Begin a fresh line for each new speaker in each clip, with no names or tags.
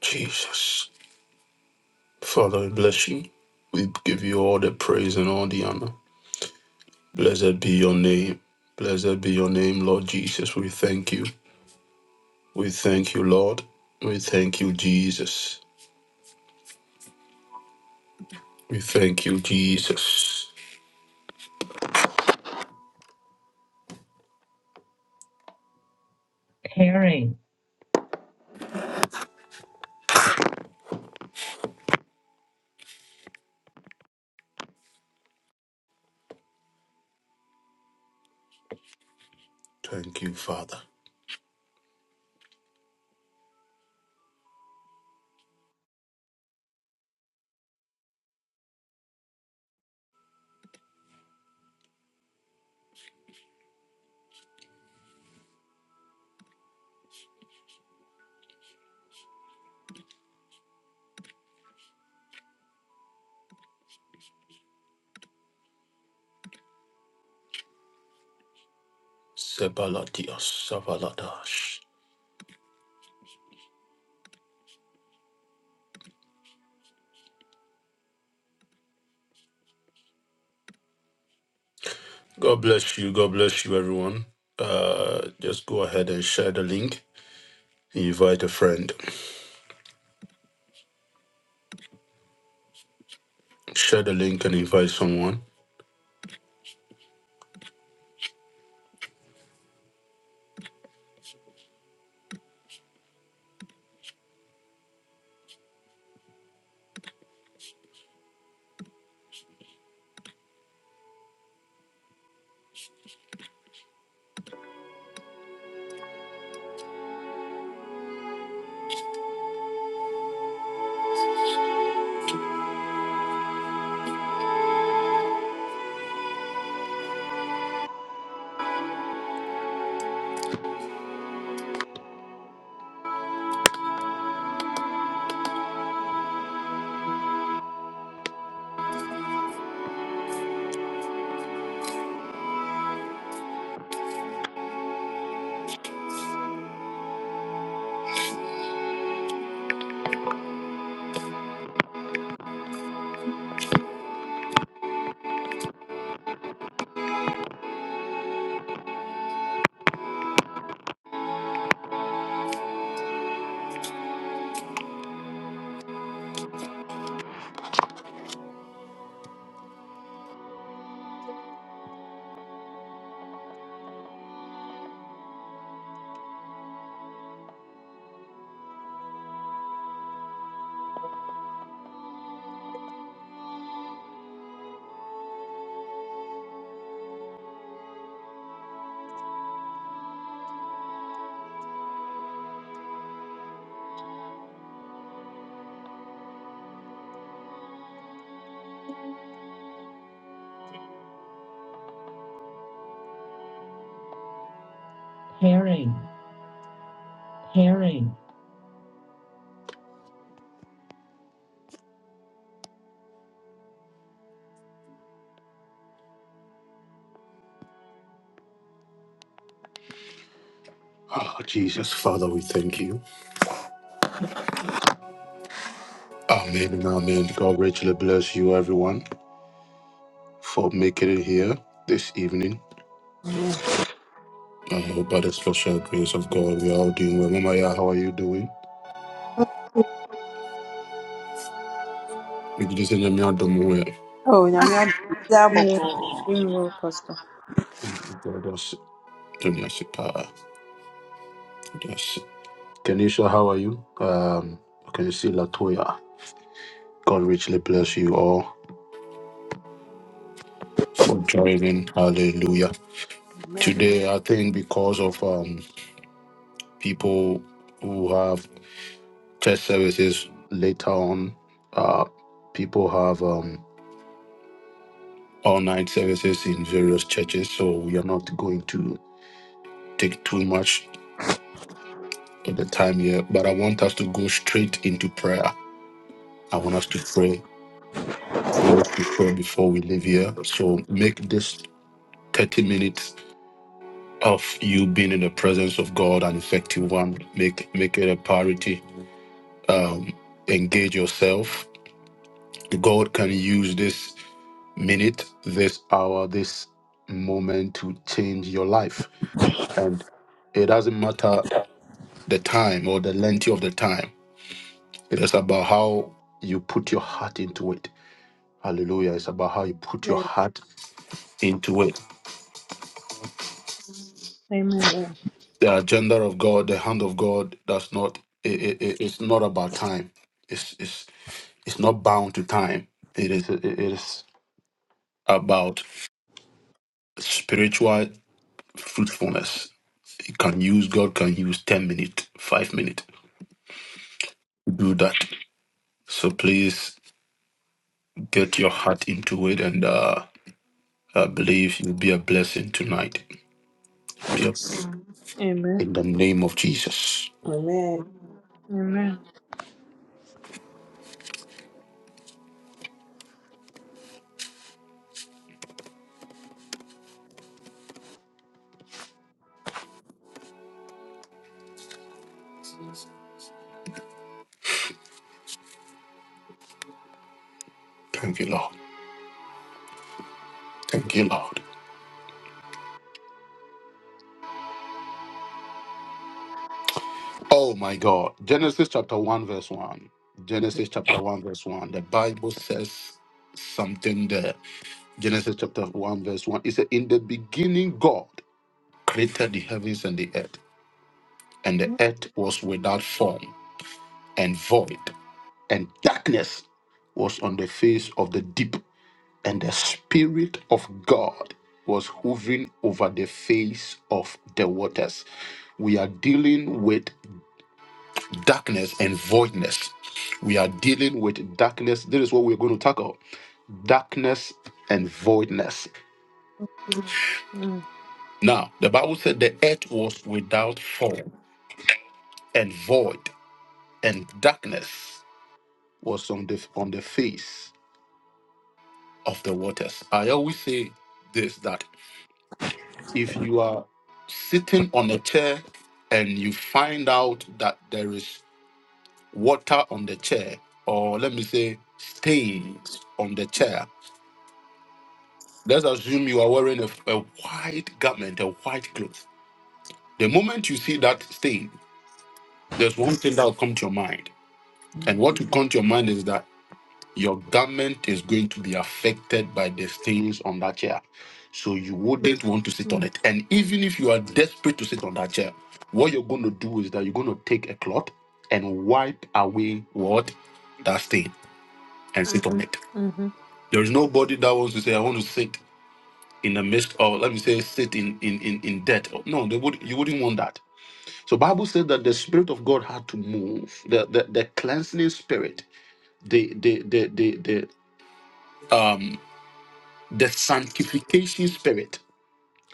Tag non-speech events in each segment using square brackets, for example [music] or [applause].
Jesus. Father, we bless you. We give you all the praise and all the honor. Blessed be your name. Blessed be your name, Lord Jesus. We thank you. We thank you, Lord. We thank you, Jesus. We thank you, Jesus. Pairing. Thank you, Father. Sebalatios Savaladash. God bless you. God bless you, everyone. Uh, just go ahead and share the link. Invite a friend. Share the link and invite someone. Pairing. Herring. Oh, Jesus, Father, we thank you. Amen and amen. God richly bless you, everyone, for making it here this evening. Uh, by the special grace of God, we are all doing well. Mama, yeah, how are you doing? We didn't send them out the moon.
Oh, nyame adom abɔkɔ.
Yeah, doing well, Pastor.
God, us- don't you see, Pa? Yes. Kenisha, how are you? Um, okay, you see Latoya. God richly bless you all for joining. Hallelujah.
Amen.
Today, I think because of um people who have. church services later on. Uh, people have um, all night services in various churches, so we are not going to take too much of the time here. But I want us to go straight into prayer. I want us to pray. I want us to pray before we leave here. So make this 30 minutes of you being in the presence of God an effective one. Make make it a priority. Um, engage yourself. God can use this minute, this hour, this moment to change your life. And it doesn't matter the time or the length of the time, it is about how you put your heart into it. Hallelujah. It's about how you put your heart into it.
Amen.
Amen.
The agenda of God, the hand of God, does not, it, it, it- it's not about time. It's, it's, it's not bound to time. It is, it is about spiritual fruitfulness. You can use, God can use 10 minutes, 5 minutes do that. So please get your heart into it, and uh, I believe you'll be a blessing tonight. Yep.
Amen.
In the name of Jesus.
Amen.
Amen.
Thank you, Lord. Thank you, Lord. Oh my God. Genesis chapter 1, verse 1. Genesis chapter 1, verse 1. The Bible says something there. Genesis chapter 1, verse 1. It said, In the beginning, God created the heavens and the earth, and the earth was without form and void, and darkness was on the face of the deep, and the Spirit of God was hovering over the face of the waters. We are dealing with darkness and voidness. We are dealing with darkness. This is what we're going to tackle darkness and voidness.
Mm,
Now, the Bible said the earth was without form and void, and darkness was on the, on the face of the waters. I always say this that if you are sitting on a chair and you find out that there is water on the chair, or let me say stains on the chair, let's assume you are wearing a, a white garment, a white cloth. The moment you see that stain, there's one thing that will come to your mind. And what will come to your mind is that Your garment is going to be affected by the stains on that chair. So you wouldn't want to sit on
mm,
it. And even if you are desperate to sit on that chair, what you're going to do is that you're going to take a cloth and wipe away what? That stain and sit on it.
mhm,
There is nobody that wants to say, I want to sit in the midst of, let me say, sit in in in, in debt. No, they would you wouldn't want that. So Bible said that the Spirit of God had to move. The the, the cleansing spirit, the the the the, the um, The sanctification spirit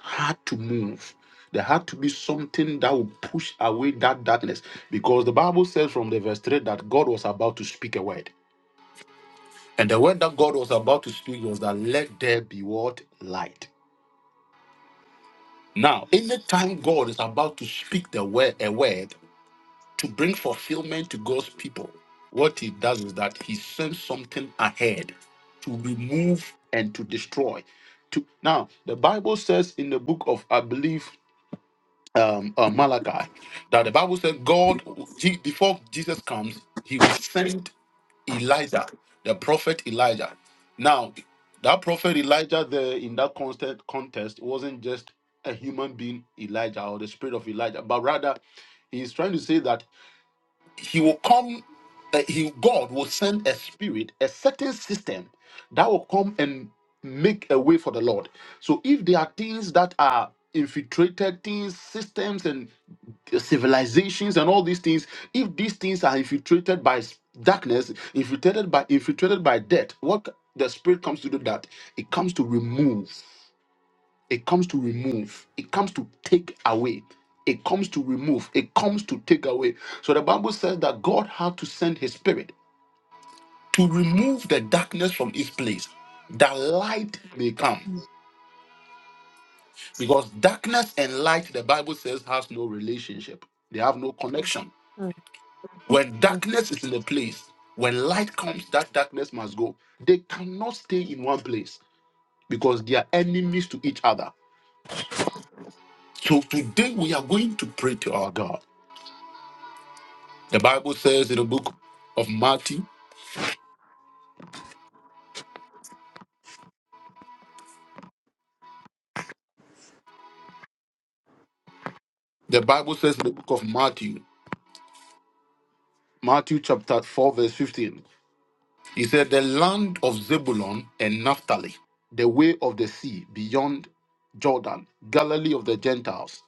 had to move. There had to be something that would push away that darkness. Because the Bible says from the verse 3 that God was about to speak a word. And the word that God was about to speak was that let there be what? Light. Now, anytime God is about to speak the word, a word to bring fulfillment to God's people, what he does is that he sends something ahead to remove and to destroy. To now, the Bible says in the book of I believe um, uh, Malachi that the Bible says God, he, before Jesus comes, he will send Elijah, the prophet Elijah. Now, that prophet Elijah there in that constant contest wasn't just a human being Elijah or the spirit of Elijah, but rather he's trying to say that he will come uh, he god will send a spirit a certain system that will come and make a way for the lord so if there are things that are infiltrated things systems and civilizations and all these things if these things are infiltrated by s- darkness infiltrated by infiltrated by death what the spirit comes to do that it comes to remove it comes to remove. It comes to take away. It comes to remove. It comes to take away. So the Bible says that God had to send his spirit to remove the darkness from his place, that light may come.
mm,
Because darkness and light, the Bible says, has no relationship. They have no connection.
mm,
When
mhm.
darkness is in a place, when light comes, that darkness must go. They cannot stay in one place because they are enemies to each other. So today we are going to pray to our God. The Bible says in the book of Matthew, the Bible says in the book of Matthew, Matthew chapter 4, verse 15, he said, The land of Zebulun and Naphtali, the way of the sea beyond Jordan, Galilee of the Gentiles.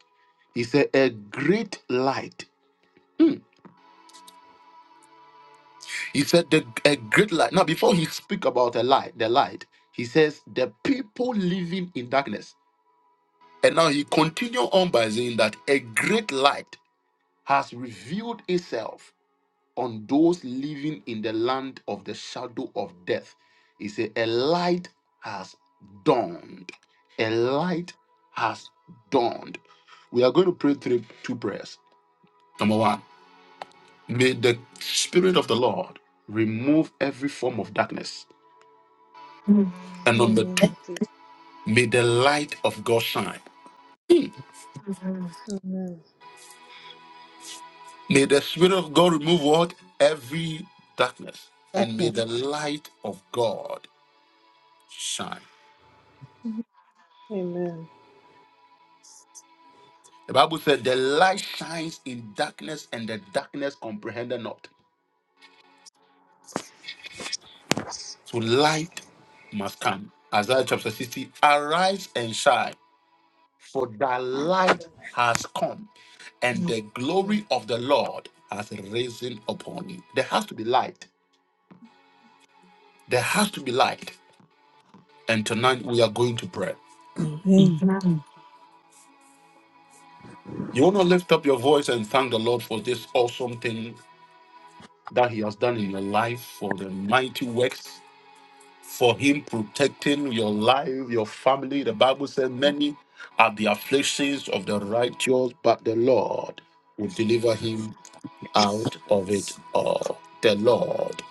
He said, A great light. He said, the, A great light. Now, before he speak about a light, the light, he says, The people living in darkness. And now he continue on by saying that a great light has revealed itself on those living in the land of the shadow of death. He said, A light has dawned. A light has dawned. We are going to pray three, two prayers. Number one, may the Spirit of the Lord remove every form of darkness. And
In the
number
name
two,
of Jesus.
may the light of God shine. Hmm.
Amen.
May the Spirit of God remove what? Every darkness. And may the light of God shine.
Amen.
The Bible said, The light shines in darkness, and the darkness comprehended not. So light must come. Isaiah chapter 60 Arise and shine, for thy light has come, and the
Amen.
glory of the Lord has risen upon you. There has to be light. There has to be light. And tonight we are going to pray. You
Amen.
want to lift up your voice and thank the Lord for this awesome thing that He has done in your life, for the mighty works. for him protecting your life, your family. The Bible says, Many are the afflictions of the righteous, but the Lord will deliver him out of it all. The Lord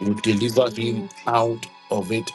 will deliver
In the name
him
of Jesus.
out of it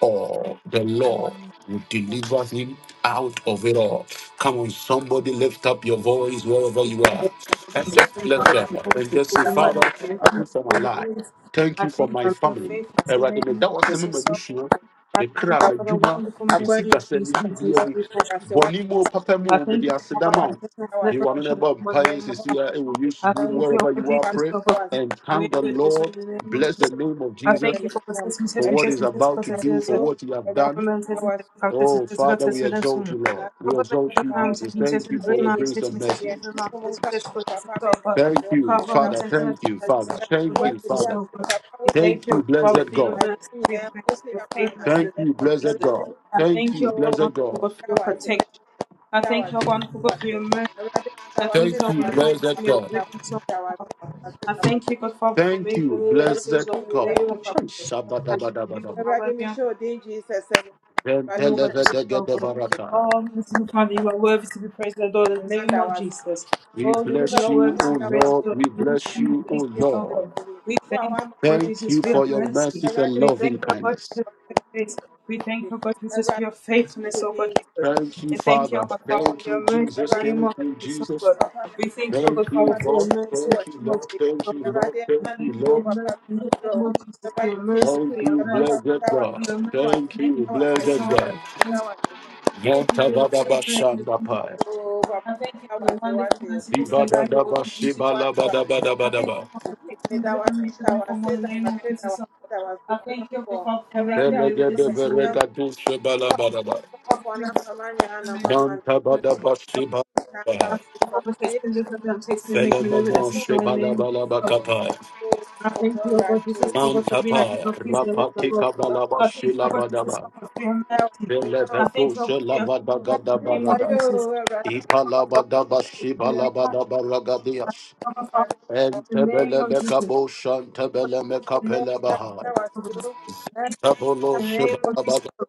all, the Lord will deliver him out of it all. Come on, somebody lift up your voice wherever you are. And just
Merciful
bless
Father, I
God
thank
and
you
just
for
say,
your
Father,
mercy. I
thank
thank
you
you
for my
for your
life.
grace.
Thank
I
you for
thank
my
you for your
family.
faithfulness in the
Awurade,
name
meda wo
of
ase me
Jesus. Oh,
m'adesua,
I
me
thank
kra,
you for the
m'adwuma,
wonderful
me
mercy
Akwanyi
of
sikasɛm,
peace
me
and
biribiara
Jesus.
mu.
We thank you,
wase wase
Bɔne mu o,
Jesus.
papa
I
mu o, mede
thank you
aseda
for the
ma
wase
wo.
protection of the
Di
wase
wa no na
protection
ɛba
of the
mpaeɛ
name of Jesus.
seesei ara ɛwɔ
I
Yesu din mu.
wangu
thank you,
Wherever
Lord
you are,
Jesus,
pray
so God, for
wase
and
the way
thank the
with this in
Lord.
the name of
Bless
isho
the
Jesus.
name of
I
Jesus
thank you
kwenye
for protecting,
kama
for
testing, testing,
ebi
what he's
testing, testing,
about to
testing.
do,
wasio
for
testing,
what you have
ebi
done.
Government testing,
wasio
testing, testing,
Oh,
testing,
Father, we
testing,
exalt
testing.
you,
na
Lord. We
Government
exalt you,
kama
program
Jesus.
ni
testing,
Thank you
testing,
for your
aye
program
ye
grace
testing,
and mercy.
ye
testing, program
kumu
testing,
kama
testing, testing,
papa me
so God.
Thank you,
Cover
me
and
da
Father.
protect and
Thank you, Father.
protect and
Thank you,
protect
wase
the testing,
bi
testing, testing, testing,
Father.
am
so God.
papa
We thank
Thank you,
wo
you,
ni
Father,
blessed
for your
God.
mercy,
ni
for your
na
grace,
ko
for
ya
your
pa na
faithfulness in
se
Thank
the name
you,
of
blessed
Jesus.
ebi
God.
I
Thank
thank
you,
you, Lord,
blessed God.
for your
wase
protection. I thank you, wonderful God, for your mercy. I thank you,
Thank
how
you,
wonderful
blessed
fulfilled.
God.
Thank you so much, Father. I thank you, God Father, for
Thank
making the
you,
way where there
blessed
seems no way in the
God.
name of
Ay,
Jesus. I thank you for
shabadabadabadaba.
Awurade
covering me up.
mehyɛ wo din Jesus anim.
And
Awurade,
oh God, just oh God.
Ventelevedegedevarata.
Oh, merciful Father,
wo
you are worthy to be praised, O Lord, in the
din
name
da wo
of
ase.
Jesus.
We
Oh,
मैंने
Lord, you
bless
are worthy
you,
to be
O
बात दवा
praised,
Lord.
O
से
Lord,
We
in
bless
मैंने
the name
you,
of
O
देखते
Jesus, oh
मदद
Lord.
God.
की
We
वो आवाज
thank you, Lord
मैंने
Thank
Jesus,
you
for your
बात
for your
से
mercy.
mercies and
Raja
We
को
loving
thank you, Lord
मैंने
kindness.
Jesus,
बात
for
से
your grace. We
बात से
thank you, Lord Jesus,
Raja
for your
को
faithfulness, oh
they
God, Jesus.
Thank you,
We thank you, O
Father.
God, Father,
Thank
for
you,
your mercy, in
Jesus.
the
Raja
name
Thank
of
you,
Jesus, oh
Jesus.
God.
Papa, me
We thank you, O
da wa
Thank
God,
se ma mi se lo
you,
Father, for your
Lord.
mercy, in
wa
Thank
the
you,
name of Jesus,
Lord.
ni wa
Thank
oh
you,
se
God.
Lord.
radia
We
na
Thank
na
you,
thank you
bi
for
o
your
Lord.
papa
mercy,
mi
in the
sutro
name of Jesus, for your
radia te
mercy,
mi
for
Thank
your
you,
sutro papa me
mercy.
blessed
da wa
In
God.
se
your
da
mercy,
wa se
Thank
name
you,
da wa
of
se
Jesus,
blessed
oh,
da wa
God.
se
God,
da wa
thank you for your
se Thank
faithfulness in the name of Jesus.
Yantabadabashandapa.
I thank you for the wonderful, merciful things you have God continue to do. for me. I thank you
Zibadadabashibalabadabadabadaba.
for protecting me, deliver me, shield me from all in the name of Jesus. oh God. I thank you, oh, Father, for making the way where this is the way.
Telegedeberegadushibalabadaba.
Oh, Father, we are protecting me, deliver me, shield me, oh, God. I
Nantabadabashibadaba.
thank you for protecting me, deliver me, I'm taking me, making the way where this is the way in the name of Jesus. oh God.
Felemonoshibalabadabakapa.
I thank you, O Lord Jesus, O God, for being the King
Mantapa,
of Kings, the Lord of
Rapati
Lords.
Kabalaba
I thank you, O God, Jesus, O
Shilabadaba,
God, for your mercy. I
Belevetu
thank you, O God, for your faithfulness in the name of
Shelavadagadabarada,
Jesus. I thank you, O God, for
Ipalabadaba
your faithfulness in the
you.
name of Jesus. I thank
Shibalabadabaragadias,
you, O God, for your faithfulness
and
in the name of Jesus.
Tebelebekabo
In the name of
Shantebelemekapelebaha,
Jesus, Lord. Thank
Tabolo
you in the name of Jesus,
Shibalabada
Lord.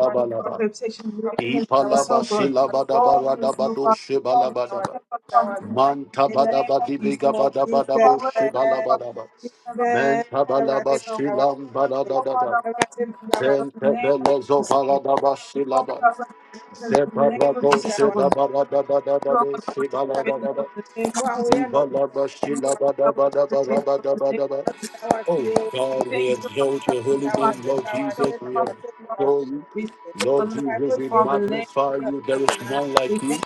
I thank you for protection. In the name of Jesus, oh
Ipalaba
God. Oh, merciful
Silabadabaradabado
Father, you are worthy
Shibalabadaba.
of our promise and thank you in the
In
name
Mantabadaba
of
the name
Jesus.
of
You
Jesus,
dibigabadabadabo
are worthy of our promise
shibalabadaba.
and thank you in the
Jesus,
name of
Eradi
Mentabalaba
Jesus, oh God.
Mutawa
shilam
Sisi,
Oh, God, I want to
Eradi
be praised and
Mutawa
God,
Sisi,
in the name of
Zenkebelezo
Jesus, oh God. You are God,
paladabashilaba.
I want to be praised and God, in the name of
Zeparado
Jesus, oh
Mutawa
God. You are God,
shedabaradabadabado
I want to be
Sisi,
praised and God,
shibaladabada.
in the name of Jesus, oh God. You are God, I want to be praised and God, in the
No Kwa
name of Jesus, oh God.
Zibalabashilabadabadabadabadabadaba.
Mutawa
Oh
Sisi,
We
God, we
thank you for
exalt your
merciful
holy
Mutawa
name,
Sisi, O,
Father. We
Lord
thank you
Jesus.
for
We
comforting us.
adore you.
We thank you for
Lord
The
Jesus,
Bible
merciful
we
gave us
Father. In the
the
name
magnify
scripture,
you. There is
Mutawa
none like you.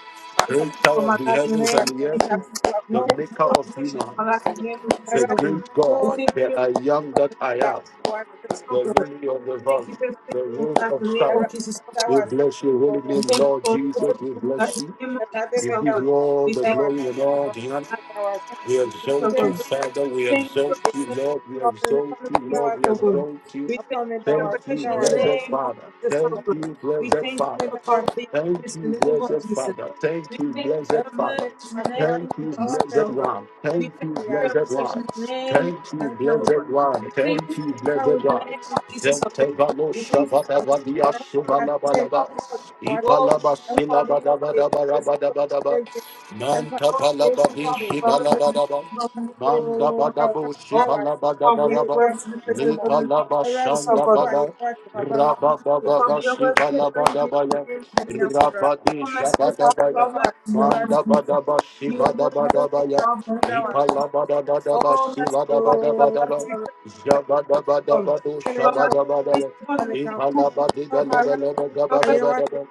Creator of the heavens and the
of
earth,
Jesus, Lord. we
the
thank you
maker
for
of
protection for my
humans,
life. In the name of Jesus,
the
we thank you for my protection for my life. In the name of Jesus,
great
Lord. we
God,
thank you
the
for
I
protection
am
for my
that
life.
I am
In the name of Jesus,
the
Lord.
lily of the valley,
Thank you for protection
the
for
rose
my life.
of
In the name
Sharon.
of Jesus, Lord.
We bless you, holy
We
name,
thank you
Lord
for the
Jesus.
gift of
We
the life.
bless you.
In the name of Jesus,
We
oh
give
God.
you all
We
the
thank
glory and
you
all the honor.
for the
We
gift of
exalt
the
you,
life.
Father. We
In the name
exalt you, Lord. We exalt
of
you,
Jesus,
Lord. We
oh God.
exalt you.
We thank you for
Thank
the
you,
gift of your life. In the name of Jesus, oh God. We thank you for your protection in the
blessed
name of
Father.
Jesus, oh
Thank
God.
you,
We
blessed
thank you
Father.
for power for your
Thank
goodness in
you,
the name of
blessed
Jesus.
Father. Thank
We
you,
thank you for
blessed
your
Father.
mercy in the name
Thank
of
you,
Jesus,
blessed
oh God.
one.
We
Thank
thank
you,
you for your
blessed
protection
one.
in the name of
Thank
Jesus,
you,
oh
Yeah.
blessed
God.
one.
We thank you
Thank
for
you,
your protection
blessed
in the
Thank
one.
name of Jesus, oh God.
Zentevalo
We thank you for your protection in
shavadavadia
the name of Jesus, oh
shuvalabalabat.
God. Oh,
Ipalaba
merciful Father, you are worthy to be praised, oh God.
silabadabadabarabadabadaba. Manta
Oh, merciful
palabadi
Father, you are worthy to be praised,
shibalabadaba. Manda
oh God.
badabu
Oh, merciful Father, you
shibalabadabadaba.
are worthy to be praised, oh God, in the
Lipa
name
laba
of Jesus, oh
shanda
God.
bada.
Oh, merciful Father,
Rabababa
your word is praised in the
shibalabadabaya.
name of Jesus.
Rabadi
Oh, merciful Father,
shabadabaya.
your word is your word,
Manda
Jesus.
badaba
You are worthy of the
shibadabadabaya.
Father, in the name of
Ipa
Jesus.
labadabadaba
Oh, merciful Father, you are worthy to
shibadabadabadaba.
be praised,
you.
O God.
Jabadabadabadu
You are
Remember
worthy to be praised,
shabadabadaba.
O
when I
God, in
come
Ipa
the name of Jesus,
labadi
oh God.
Ẹ̀rọ
galebelebe
You
ayẹwò ti
gabadabadaba.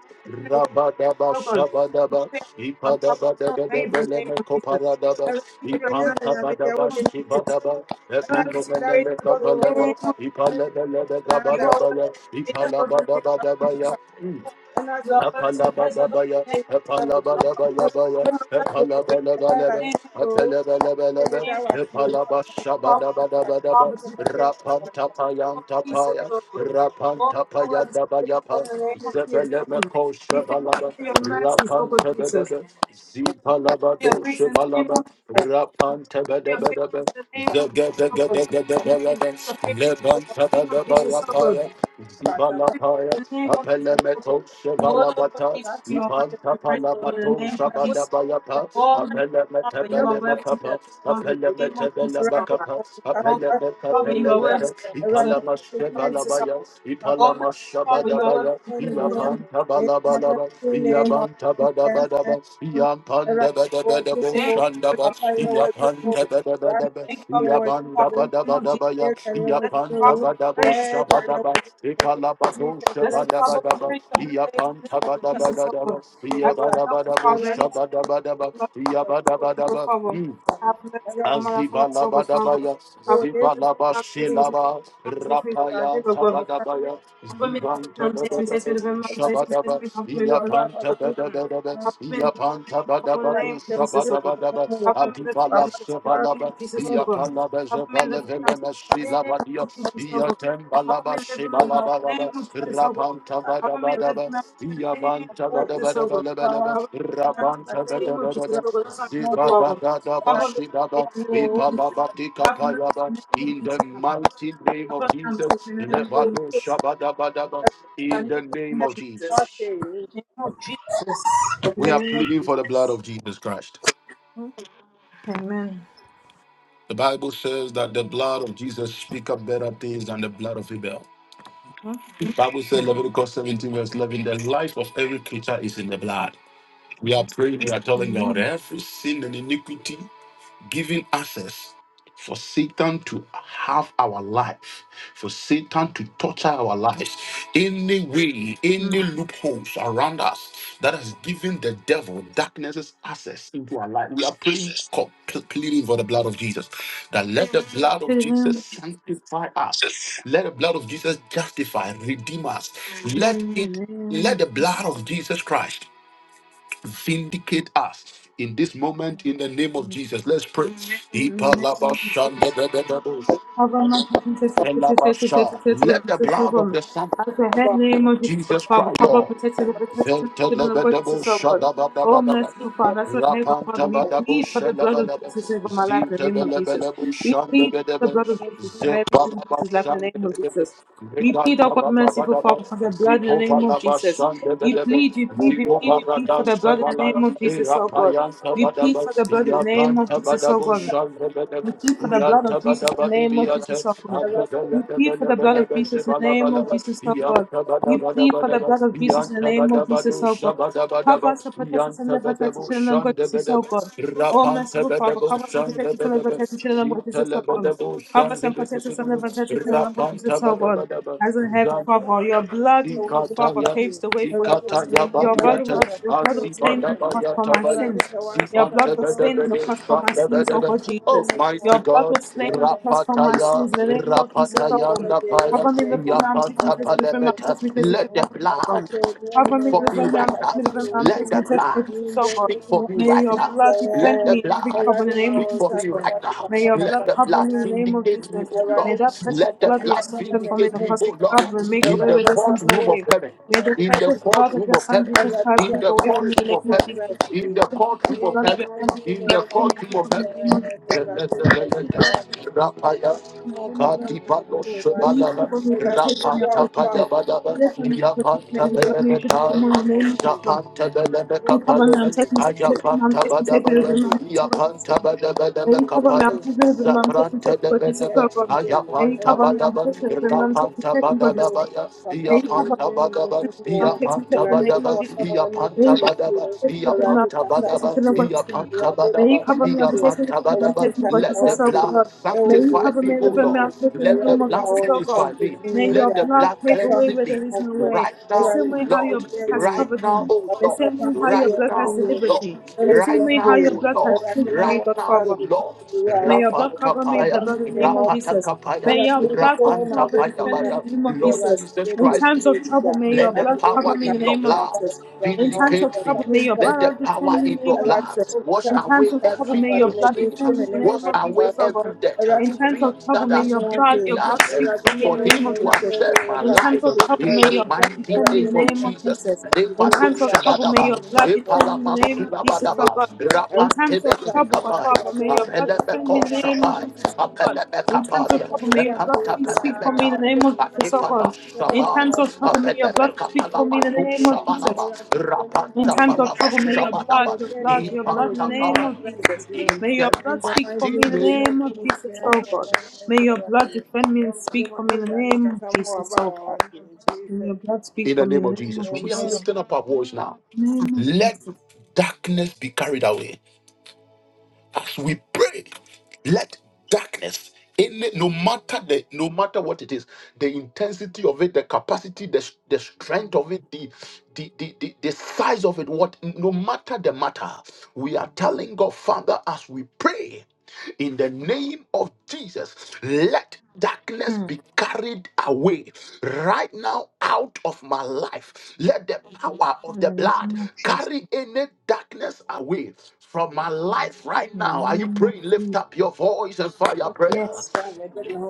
ti kú
Rabadaba
are worthy to be praised, O God. We
shabadaba.
thank you, Lord,
Ipada
Father,
bada
ọjà.
bada
for your favor in the name of the
bada
name
me
of Jesus.
kopara
We
dada.
thank
Ẹ̀rọ
you for your
ìbílẹ̀
mercy
Ipanta
ìṣẹ̀yà
in
mi
bada
jẹ́ owó
the
dé
name of
ní
bashi
Jesus. You
ẹgbẹ̀rún.
bada ba.
Ẹ̀rọ
are worthy
Ekende
ìbílẹ̀
to be
ìṣẹ̀yà
mene
praised,
me
O God, in
kapala
the
da.
name of Jesus.
Ipala bada bada me me
You are worthy
ba. Ipadabadabadabalemekopalabada.
to praise the
Ipantabadabashibadaba.
Lord in the name
bada bada
of Jesus.
baya.
And I
You are
think
worthy to praise the Lord
Apalabababaya,
in the name
that would be
of Jesus.
a
apalabadabayabaya,
You are worthy
person
to praise the
that
Lord
I
apalabalabalaba,
in the name
knew and
of
apelebelebelebe,
that
Jesus. You are worthy of Father
apalabashabadabadabadaba,
to praise the Lord in the name of Jesus,
rapantapayantapaya,
Lord. God. Lord, you are worthy to praise the Lord
rapantapayadabayapa,
in the name
was
of Jesus, Lord. God. We thank you
zebelemekoshabalaba,
for your mercies, Lord God Jesus.
rapantebedebe,
We thank you for your grace in the name
zipalabadoshabalaba,
of Jesus. We thank you for your faithfulness
rapantebedebedebe,
in the name of Jesus, oh God. We thank
zegedegedegedebelebe,
you for your faithfulness in the name of Jesus, oh
lebantadadabalapaya,
God. We
zibalapaya,
thank you for your faithfulness in the name of Jesus,
you.
oh God.
Apelemeto
Oh
you know,
Lord of
Shevalabata,
Jesus,
God
you
bless
are worthy
Ipan
you.
to be praised,
So,
Lord, in the
Tapalamato
and
name of
I would
Jesus.
say that
Shabadabayata,
the thing,
Almighty
you know,
Father, you
help
are
Apelemetebele
worthy to be
us
Makapa,
praised, Lord, in
to do
the name of
Apelemetebele
Jesus, oh
around the
God.
Makapa,
world, because
Almighty
that's the
Father, you are
you got
worthy to
Apelemetabele
be praised,
around
Lord,
the
Ipalama
people,
in the name of
men,
Jesus,
Shevalabaya,
oh
Papa,
God. Almighty
Ipalama
that's
Father, you
not
are worthy to
Shabadabaya,
be praised,
anyone.
Lord, in the
Iapan
name of
They
Jesus, oh God.
never
Tabalabalaba,
see
We thank
name
you,
of
Iaban
this
merciful
Tabadabadaba,
Father,
Iapan
around the world, you
Debedebedebo
Thank
know,
you for
Shandaba,
Papa,
Jesus. in the
you
name
were
of
you
Iapan
know,
Jesus.
that
We
Tebedebedebe,
thank you, our
you were
Master,
Iaban
you
Father,
know,
in the name of Jesus.
Dabadabadabaya.
yes, and were
Blessed
you
Father,
Yapanta
know,
we praise
badabo
the
yes,
holy name
and
shabadaba,
were
of Jesus.
you know,
Ipalabado
Blessed Father, we
shabadabadaba,
praise the holy name
Yapanta
of
Jesus,
Jesus, oh God.
badabadaba,
I can help us,
Yabadabadabo
Father,
Amen.
anything
shabadabadaba,
that us, Lord, you God,
Yabadabadaba.
Father. Have mercy upon my life, upon my soul, God, Father.
Azibalabadabaya,
I've only lived now, take me, take
Zibalabashilaba,
me, take me, back,
Rapaya,
oh God.
Tabadabaya,
Compliments of them, taste me, taste me,
Zibantadadadada,
the venom, taste me, taste
Shabadaba,
me, compliment of them,
Iyapantadadadada,
compliment of them, for the name
Iyapantabadabadu,
of Jesus, O Lord.
Shabadabadaba,
Compliment of
Adibala,
them, me, the name
Shabalaba,
of Jesus, O Lord.
Iyapalaba,
Compliment of them,
Zabalavelema,
me, the name
Shilabadia,
of Jesus, O Lord.
Iyatembalaba,
Compliment of them, me, the
Shibalabalaba,
name of Jesus, O Lord. Compliment of
Rapantabadabadaba,
them, me, the name of Jesus, O Lord.
Iyabantabadabadabadabadaba,
Compliment of them, me, the name of Jesus,
Rabantadadadada,
O Lord. That's not the problem. Compliment of them,
Zibadadadabashidaba,
taste me, the name of Jesus. Have mercy
Ipalabatikapayaba,
in the name of
In the
Jesus, O Lord.
mighty name of
Have mercy
Jesus,
in the name of
Levado
Jesus.
Shabadabadaba, in
Name
the name
of
of
Jesus.
Jesus.
Name of Jesus.
We are
Name of
pleading for the blood
Jesus.
of Jesus Christ.
Amen.
The Bible says that the blood of Jesus speak up better things than the blood of Abel. The Bible says Leviticus 17 verse 11, the life of every creature is in the blood. We are praying, we are telling God
Amen.
every sin and iniquity giving access for Satan to have our life, for Satan to torture our lives. Any way, any
Mm.
loopholes around us that has given the devil darkness's access into our life. We are praying, co- pleading for the blood of Jesus. That let the blood of
In the name
Jesus
of Jesus.
sanctify us. Let the blood of Jesus justify, redeem us. Let
In
it
the name
let
of
the
Jesus.
blood of Jesus Christ vindicate us in this moment in the name of Jesus. Let's pray.
In the name of Jesus.
Ipalabashandebebebebos,
Government As the
elabasha. Let the blood of the Son,
head name of Jesus, but
Jesus
Father,
Christ,
cover,
Lord.
protect, and protect the children of God, Jesus, oh
Veltebelebelebusha
God. Oh,
dababababab,
merciful Father, as the head, but Father,
rapanta
we
baba
plead for
busha
the blood of
lababab,
Jesus over my life in the name of Jesus. We
zintebelebelebusha
plead for the
dababab,
blood of Jesus over every single person's life
zebababshan
in the name of
dababab,
Jesus. We
bikan
plead, oh God,
taba taba
merciful
taba,
Father, for the blood in the name of Jesus.
zikovababshan
We
dababab,
plead, we
Around
plead, we plead, we plead for the blood in the
zikovaradasvala,
name of Jesus, oh God. We
irapayasababab,
plead for the blood in the
ikan
name of Jesus,
taba
oh God.
busha dababab,
We plead
i
for the blood of
taba
Jesus in
taba
the name
tibi
of
t,
Jesus, oh God.
the
We plead for the blood of Jesus in the name of
agbalebelebelebelebelebelebele.
Jesus, oh God. We plead for the
Yantabadabadabadaba,
blood of Jesus in the name of Jesus,
Yantabadabado
oh God. Cover
Shabadabadaba,
us and protect us and live protect us, as
Yantabadabo
children and God, Jesus, oh
Shandabadaba,
God. Oh, merciful Father,
Rapantabadabo
cover us and protect us and live
Shandabadaba,
protect us, as children and God, Jesus, oh God.
Zitalabadabo
Cover us and protect us and live
Shandabadaba,
protect us, as
name
children and God, Jesus, oh God.
Rapantabadabadaba,
As in heaven, Father, your blood, God, Father,
of
Zikataya,
paves
you.
the way for
Around the
us.
Zikataya
name of
Your
my
blood
wife and
Badiata,
was,
of
your
my
blood was slain
children in
on the
the life.
cross
Azibadabaya
for my
Tabaya,
Around the
sins.
power of the
Your blood
Zivanta
sun,
was
so we
slain on
live.
the cross for my
In
sins, oh
the
God
Dadadadadadadadadada.
mighty
Oh,
Jesus.
name
mighty
Your
of
blood
Jesus,
God,
was
I
slain on the
thank
cross for
you
my
for your
Rapataya,
sins. In the
grace.
name of Jesus, oh
Momo
God.
Rapatayanda
Bede,
Paya,
Holy
Cover me in the
Bede,
family, I'm taking me,
Around
Yapata
test me,
the
the family,
power of
I'm
Palemeta,
taking me, test
the
me,
let
shut
sun,
the
down for this
Papa
God.
blood.
children, in
Cover
Speak
my
me in
name,
for
the
me
family,
oh,
right
I'm taking
now.
Papa
me, the family, I'm
Let
taking
children,
the
me, test
blood
me, Jesus,
in the
oh God.
speak for
name
me
May
of
right
your
now.
blood
Let
defend
the
me
Jesus.
in every
blood
trouble
Around
in the
the
name of
speak
power of the
for
sun,
Jesus,
me
O God.
right now.
Papa,
May
Papa,
your
Papa,
Let
blood
Papa,
the
cover me
blood
in
Papa,
the name of
vindicate me,
Jesus.
O
Awurade
May
Lord.
hu me
that precious
Let
mmɔbɔ,
the
blood that your
papa
blood
son
mmɛma
shed for me
m'anim
in the
vindicate
ngu
me,
cross of
O Lord.
Calvary
to
make a
In
way
the
Awurade
where there
ɔba
seems no
courtroom
abohyɛ
of
way.
me
heaven,
May the
ahoɔden
in the
precious
nyinaa
blood
mu.
of
courtroom
your
of
Son
heaven,
Jesus
Awurade
Christ
in
tua
take
the
me
away
ka wɔ
from me in
courtroom
the
of
name
Jesus
of
heaven,
Jesus.
Christ
in
din
the
mu.
The
courtroom
precious
In
of
blood
the
of
heaven,
your Son
mighty
Jesus
in the
Christ
name
take
of
away
courtroom of
from me in
heaven.
the name of
Jesus,
Jesus.
Awurade yɛ w'adwuma a woate. Papa hu me
In the
mmɔbɔ,
name of Jesus.
Kati
mmɛma m'anim
palo
ngu
May
ase.
you
shabalaba,
cover me,
Awurade
protect
di
me, O
gua wɔ
Lord
rapanta
hɔ a
Jesus.
wɔko
payabadaba,
wɔ
Deliver
hɔ
me, protect me,
a.
yapanta
and
In the
deliver me to
mighty
belebetai,
the
name of
name of Jesus.
Jesus.
yapanta
Ɛna
belebe
Beni
wofie
cover me,
fo
kapalo,
I'm taking take me to the room, I'm
ayapanta
taking take me
fo
to the
[coughs]
badabaya,
room, I'm taking what is
yapanta
wrong. Beni cover me,
badabelebe
I'm taking to the room,
One
I'm taking
Zabranta
take
de
what is
day,
Benebe,
wrong. Beni
Ayapanta
cover
Eradi
me, I'm
Badaba,
taking to the room,
Kumobo,
I'm taking
Rapanta
take what is
Agio,
Badadaba,
wrong. Beni
Kakasho,
cover
Iapanta
Udwini,
Badaba,
me, I'm
Wenyango,
taking take
Iapanta
the
Eradi
name of
Badaba,
Kupaka,
Jesus.
Wenyango,
Iapanta
Beni cover
Badaba,
Nisio,
me, I'm taking to the room, I'm
Eradi
Iapanta
taking
Badaba,
take
Kasawati,
what is wrong.
Iapanta
Eradi
May you
Badaba,
cover me on the
Kasawati,
face of the
Iapanta
name of
Badaba.
Eradi
the Lord
Let
Jesus,
the
so
blood
Kasawati,
God. May
Ewo
you
sanctify
cover
Yesu
me,
me
O
with the
Lord.
Dilimu,
mouth of the
Let the
name
Eradi
of
blood
Jesus,
Mao,
so
purify
God.
me.
Sasiti,
May your
Let the
Nida,
blood
blood
take
cleanse
away
Kakamu,
where
me.
there is no way.
Right
The
now,
same
Eradi
O
way how your
Lord.
blood has
Kumobo,
Right
covered
now,
me.
O
The
Lord.
same way how
Eradi
your
Right
blood
Kumobo,
has
now, O
delivered
years.
Lord.
me. The
Only
same
Right
bless
way how
now,
your
you.
O
blood has
Lord.
shielded me,
Everyone
Right
God
now,
trust
Father.
O
me to
Lord.
you. I
May
watch
your blood
you.
cover
The
me with
Rapatapaya,
the blood
family
in the name of Jesus.
Rapatakapaya,
May your
to
blood, God
go on my
Father,
way to
defend
me.
me in
Rapantapaya.
the name of
Lord
Everyone
Jesus.
Jesus
said,
In
You
Christ,
do,
times of
you do
trouble,
that.
may your
let the
blood cover
power
me in the
in your
name of
blood
Jesus. In times
vindicate
of
me.
trouble, may your
Let the
coming
blood
power
defend
here.
me in
in
the name
your
of
Everyone
blood
Jesus.
wash
In times
away
of trouble,
Cancer,
every
may
I
your
evil
blood
thing.
so
defend me
many
in the
minutes.
Wash
name
I
of
away
watch
Jesus, oh
every
God.
debt.
In times of
Things
trouble,
that
may
has
your
Morte,
blood,
given
your
the
you
blood speak
access
for me
for
in the
Chamando
name
him
of
Moya
to
Jesus.
access
Moya,
my
In
Padre
times
life
of trouble,
in
may
the
Sucode,
your blood
mighty
defend me
Erade
name
in the
of
name
Mamon,
of
Jesus.
Jesus. In
Levado
Tijuna,
times of trouble,
Yaba,
may your
shabadaba,
Pamon,
blood
Mopo,
defend me in
epalama
the name
Anan,
of Jesus,
Dio,
oh
sulabadaba,
God.
Erade
In times of
Kata,
trouble, God
Mamon,
rapantebelebekapaya,
Father,
Tibato,
may your blood
Yehudi,
defend me
apelebeko
in the
Yaba, Wabba,
name of Jesus, oh
Wabba,
God. In times of
apelebekapalia,
Wabba, in
trouble, may
the mighty
your
name
blood
of
please speak for me in the
epantapelebetai,
name of Jesus, oh
apepala
God. In
shapai,
times of
in
trouble, may your blood speak for
the
me in the name of Jesus. In times of trouble, may your blood, your blood, your blood in the name of Jesus. May your blood speak for
mighty
me in the name of
name
Jesus,
of
oh God.
Jesus.
May your blood defend me and speak for me in the name of Jesus, oh God. May
Jesus,
your blood speak
In
for
the
me
name
in
of
the name of
Jesus.
Amen.
We are
In the
Jesus.
lifting up our voice now.
In the name of
Let
Jesus.
darkness be carried away As we pray, let darkness, any, no matter the, no matter what it is, the intensity of it, the capacity, the, the strength of it, the, the, the, the, the size of it, what, no matter the matter, we are telling God, Father, as we pray, in the name of Jesus, let darkness
Hmm.
be carried away right now out of my life. Let the power of
In
the
the
blood,
name of Jesus.
carry any darkness away from my life right
In
now.
the
Are you
name of
praying? Lift up
Jesus.
your voice and
name
fire
of
prayer.
Yes.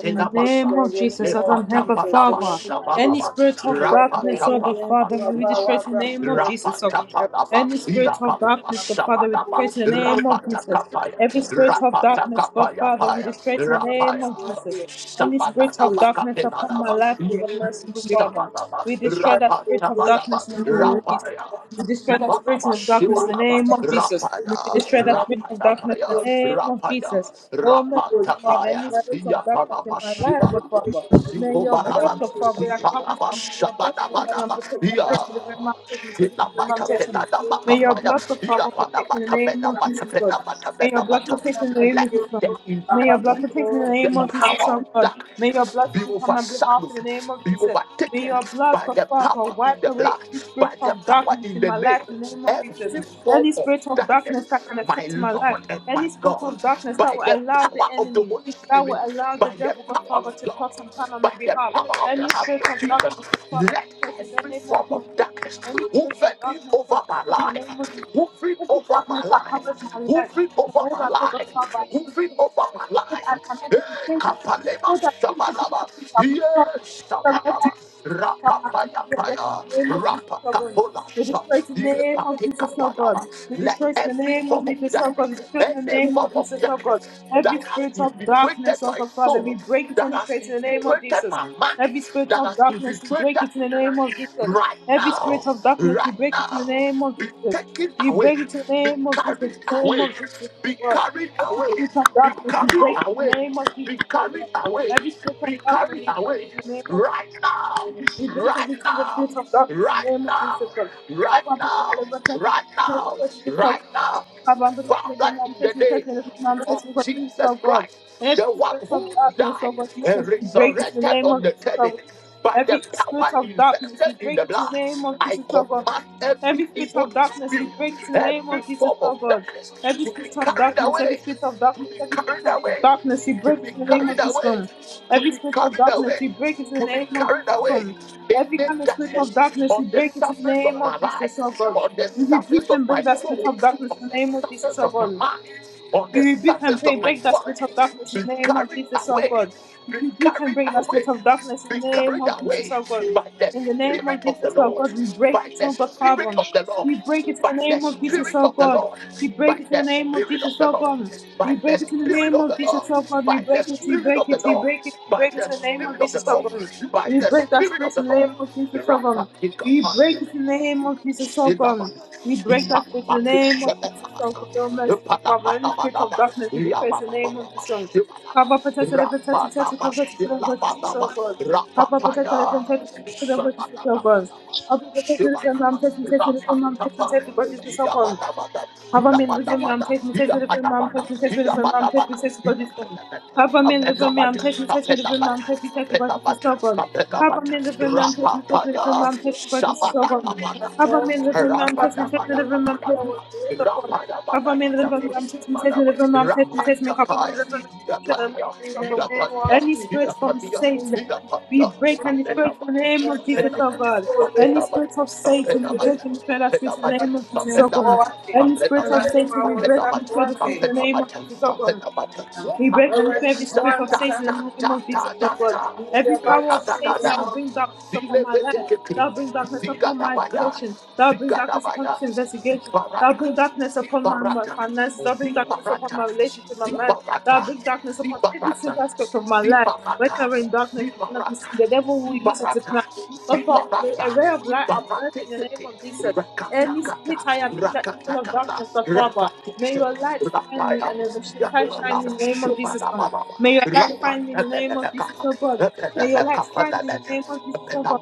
In the name of Jesus, as I'm here, God
Jesus, Amen.
Father, any
lefatabalabashabalaba,
spirit of
Awurade na ɛhyɛ
darkness, oh God
mmiɛ
Father,
nso
we
aba a
destroy it
rapatabalabashubalaba,
in the
wɔabrabɔ
name
mu
of
ase.
Jesus, oh God.
rapatabalaba,
Any spirit of darkness, God Father, we destroy
iabalabashabalaba,
it in the name of Jesus.
rapatakapaya,
Every spirit of darkness, God Father, we
rapatakapayapaya,
destroy it in the name
rapaya,
of Jesus. Any spirit of darkness upon my
shabalabakapenalaba,
life, oh God, merciful Father,
sabadaba,
we destroy that spirit of darkness
rapatabadaba,
in the name of Jesus.
rapaya.
We destroy that spirit
Zibalaba
of darkness in the
shibalaba
name of Jesus. We
rapaya
destroy that spirit of
rapaya
darkness
paya
in the name of
rapaya
Jesus. Oh,
rapanta
merciful Father,
paya
any spirit of darkness in
yapalaba
my life, God
shibalaba
Father, may your blood,
zibobaraba
God Father, that covers
zipalaba
me, may your blood
shabalaba
shield me and
daba
protect me,
ya
takes me to the mom, takes me, takes me to the mom,
shilabata
takes me.
pelada
May your
makapaya
blood, God Father, protect
yapalaba
me in the name
tapena
of Jesus, God.
matapena
May
matapena
your blood
matap
protect me in the name
let
of Jesus,
the
God. May your blood
intensity
Thank
protect me in the
the
you.
name of Jesus,
power
oh
of
God. May your
darkness
blood
be
speak on my behalf
overshadowed
in the name of
be
Jesus. May
overtaken
your blood,
by
God
the
Father,
power in
wipe
the
away
blood
any spirit
by the
of
power
darkness
in
in
the
my
name,
life in the name of Jesus.
every form
Any
of
spirit of darkness that
darkness,
can
my
affect my life.
Lord and my
Any spirit of
God,
darkness that
by
will
the
allow the
power of the
enemy,
Holy
that will
Spirit,
allow the
by the
devil, God
power
Father,
of
to
God,
plot and plan on my
by the
behalf.
power of the
Any
hand
spirit
of
of darkness,
Jesus,
God Father,
let
we curse in the
every
name of
form of
Jesus.
darkness
Any spirit of
hovering
darkness, God,
over my
we curse in the
life,
name of Jesus.
hovering
Every
over my
darkness that
life,
covers my life,
hovering over
wherever
my
I go, God
life,
Father, I cannot
hovering over
be
my life. Eh, kapalema shabalaba, yes, shabalaba,
We bless the
rapapayapaya.
name of Jesus,
Rapa
oh God.
kapola
We
sha,
destroy the name
yepa
of
teka
Jesus, oh God.
palava.
We
Let
destroy the
every
name of
form of
Jesus, oh
darkness,
God. We destroy the
any
name
form
of
of
Jesus, oh God.
darkness
Every
that has
spirit of
infiltrated
darkness, oh
my
God, Father,
soul,
we break it
that
and
has
destroy it in the name of
infiltrated
Jesus.
my mind,
Every spirit
that
of
has
darkness, we
infiltrated
break it in
my
the name of
body,
Jesus.
right
Every spirit
now,
of darkness, we
right
break it in the
now,
name of
be
Jesus.
taken
We
away,
break it in the
be
name of Jesus,
carried
in the name
away,
of Jesus, oh
be
God.
carried
Every
away,
spirit of
be
darkness, we
carried
break it in the
away,
name of Jesus,
be
oh God.
carried away,
Every spirit of
be
darkness,
carried
we break it
away,
in the name of Jesus.
right now,
We break every
right
single
now
spirit of darkness in the
right
name of
now,
Jesus, God.
right
Help and protect
now,
me, protect me,
right
protect me,
now,
protect me, protect me, Lord.
right now.
Help and protect me, protect
Father, in the
me,
name
protect me,
of
protect me, protect me, protect me, protect me, oh
Jesus
God.
Christ,
Every
the one
spirit of
who
darkness,
died
oh God,
and
Jesus, we break it in the
resurrected
name of
on the
Jesus,
third day
oh God.
by the
Every spirit
power
of darkness,
invested
we
in
break
the
it in the
blood,
name of
I
Jesus, oh God.
command every
Every spirit
evil
of darkness, we
spirit,
break it in the name
every
of Jesus,
form of
our God.
darkness
Every
to be
spirit of
carried
darkness, every
away,
spirit of
to
darkness,
be
every spirit
carried
of
away,
darkness, we
to
break
be
it in the name
carried
of Jesus.
away,
Come.
to
Every
be
spirit of
carried
darkness,
away,
we break it in
to
the name
be
of
carried
Jesus.
away
Come.
in
Every
the
kind of spirit
darkness
of darkness,
on
we
the
break it in the
surface
name
of my
of
life,
Jesus, our God.
on the
We rebuke
surface of
and
my
break that spirit
soul,
of darkness
on
in the
the
name of Jesus,
surface
our
of my
God.
mind, on
We
the
rebuke and
surface of
break,
my
break that spirit of
finds,
darkness
be
in the name of
carried
Jesus, oh
away,
God.
be
We rebuke and
carried
break that
away,
spirit of darkness
be
in the name
carried
of Jesus,
away
oh God.
by the
In the name of
Spirit of the
Jesus, oh
Lord,
God, we break
by
it,
the
oh God,
Spirit
Father.
of the Lord,
We break it in
by
the
the
name of Jesus,
Spirit
oh
of the
God.
Lord,
We break
by
it in the
the
name of
Spirit
Jesus,
of the
oh
Lord,
God.
by
We
the
break it in the
Spirit
name
of
of
the
Jesus,
Lord,
oh God. We
by the
break it, we
Spirit
break
of the
it,
Lord,
we break it, we
by
break it
the
in the name
Spirit
of
of the
Jesus, oh
Lord,
God.
by
We
the
break that
Spirit
spirit
of the
in the
Lord.
name of Jesus,
You're You're a
oh God.
Rapatika
We
pa,
break it in the name of Jesus, oh
Rapapaya,
God. We break that spirit in the name of Jesus, oh God, oh merciful Father. Any spirit of darkness, we destroy it in the name of Jesus, oh God. Cover, protect, and protect, protect, cover, protect, and protect, Jesus, oh God. Cover, protect, and protect, protect, and protect, Jesus, oh God. Cover, protect, and protect, mom, protect, protect, protect, mom, protect, protect, protect, Jesus, oh God. Hava menina from me, I'm test me, test me the film, I'm test me, test me the film, I'm test me, me God is good. Hava menina from me, I'm test me, test me the film, I'm test me, test me God is so good. Hava menina from me, I'm test me, test me the film, I'm test me God is so good.
Shabbat,
Hava
Already,
menina from me, I'm test me, test me the film, I'm test me God is so good. Hava menina from me, I'm test me, test me the film, I'm test me, test me God is so so from any spirit from Satan, we break and destroy it in the name of Jesus, oh God. Any spirit of Satan, we break and destroy that spirit in the name of Jesus, oh God. Any spirit of Satan, we break and destroy the spirit in the name of Jesus, oh God. We break and destroy every spirit
one
of
can say,
Satan in the name of Jesus, oh God.
in
Every
the
power of
mighty
Satan that
name
will
of
bring darkness
Zile
upon my
vete
life,
kekri,
that will bring darkness
zika
upon my
tabaya,
education, that will bring darkness upon
Zigarabaya,
this investigation, that will bring darkness upon my, my
Zibarata,
finances, that will bring darkness upon
Zibarata,
my relationship,
Zibarata,
my mind, that will
Zibarata,
bring darkness upon every
Zibarata,
single aspect of my life.
Zibarata,
Whenever in darkness, you cannot be
Zibarata,
seen. The devil will use it to
Zibarata,
plan. But Father, may
Zibarata,
a ray of light are burst
Ibarate
in the name
City,
of Jesus. Any
Rakatakata,
state I am in that is full of
Rakatakata,
darkness, the Father, may
Rakatisha,
your light find me
Rapaya,
and overshine shine me
Yamalaba,
in the name of Jesus.
Shimalaba,
Lord. May your light find me in
Rapanaka,
the name of
Epeleka,
Jesus, oh God. May your
Epeleka,
light find me in the name of Jesus, oh
Epeleka,
God.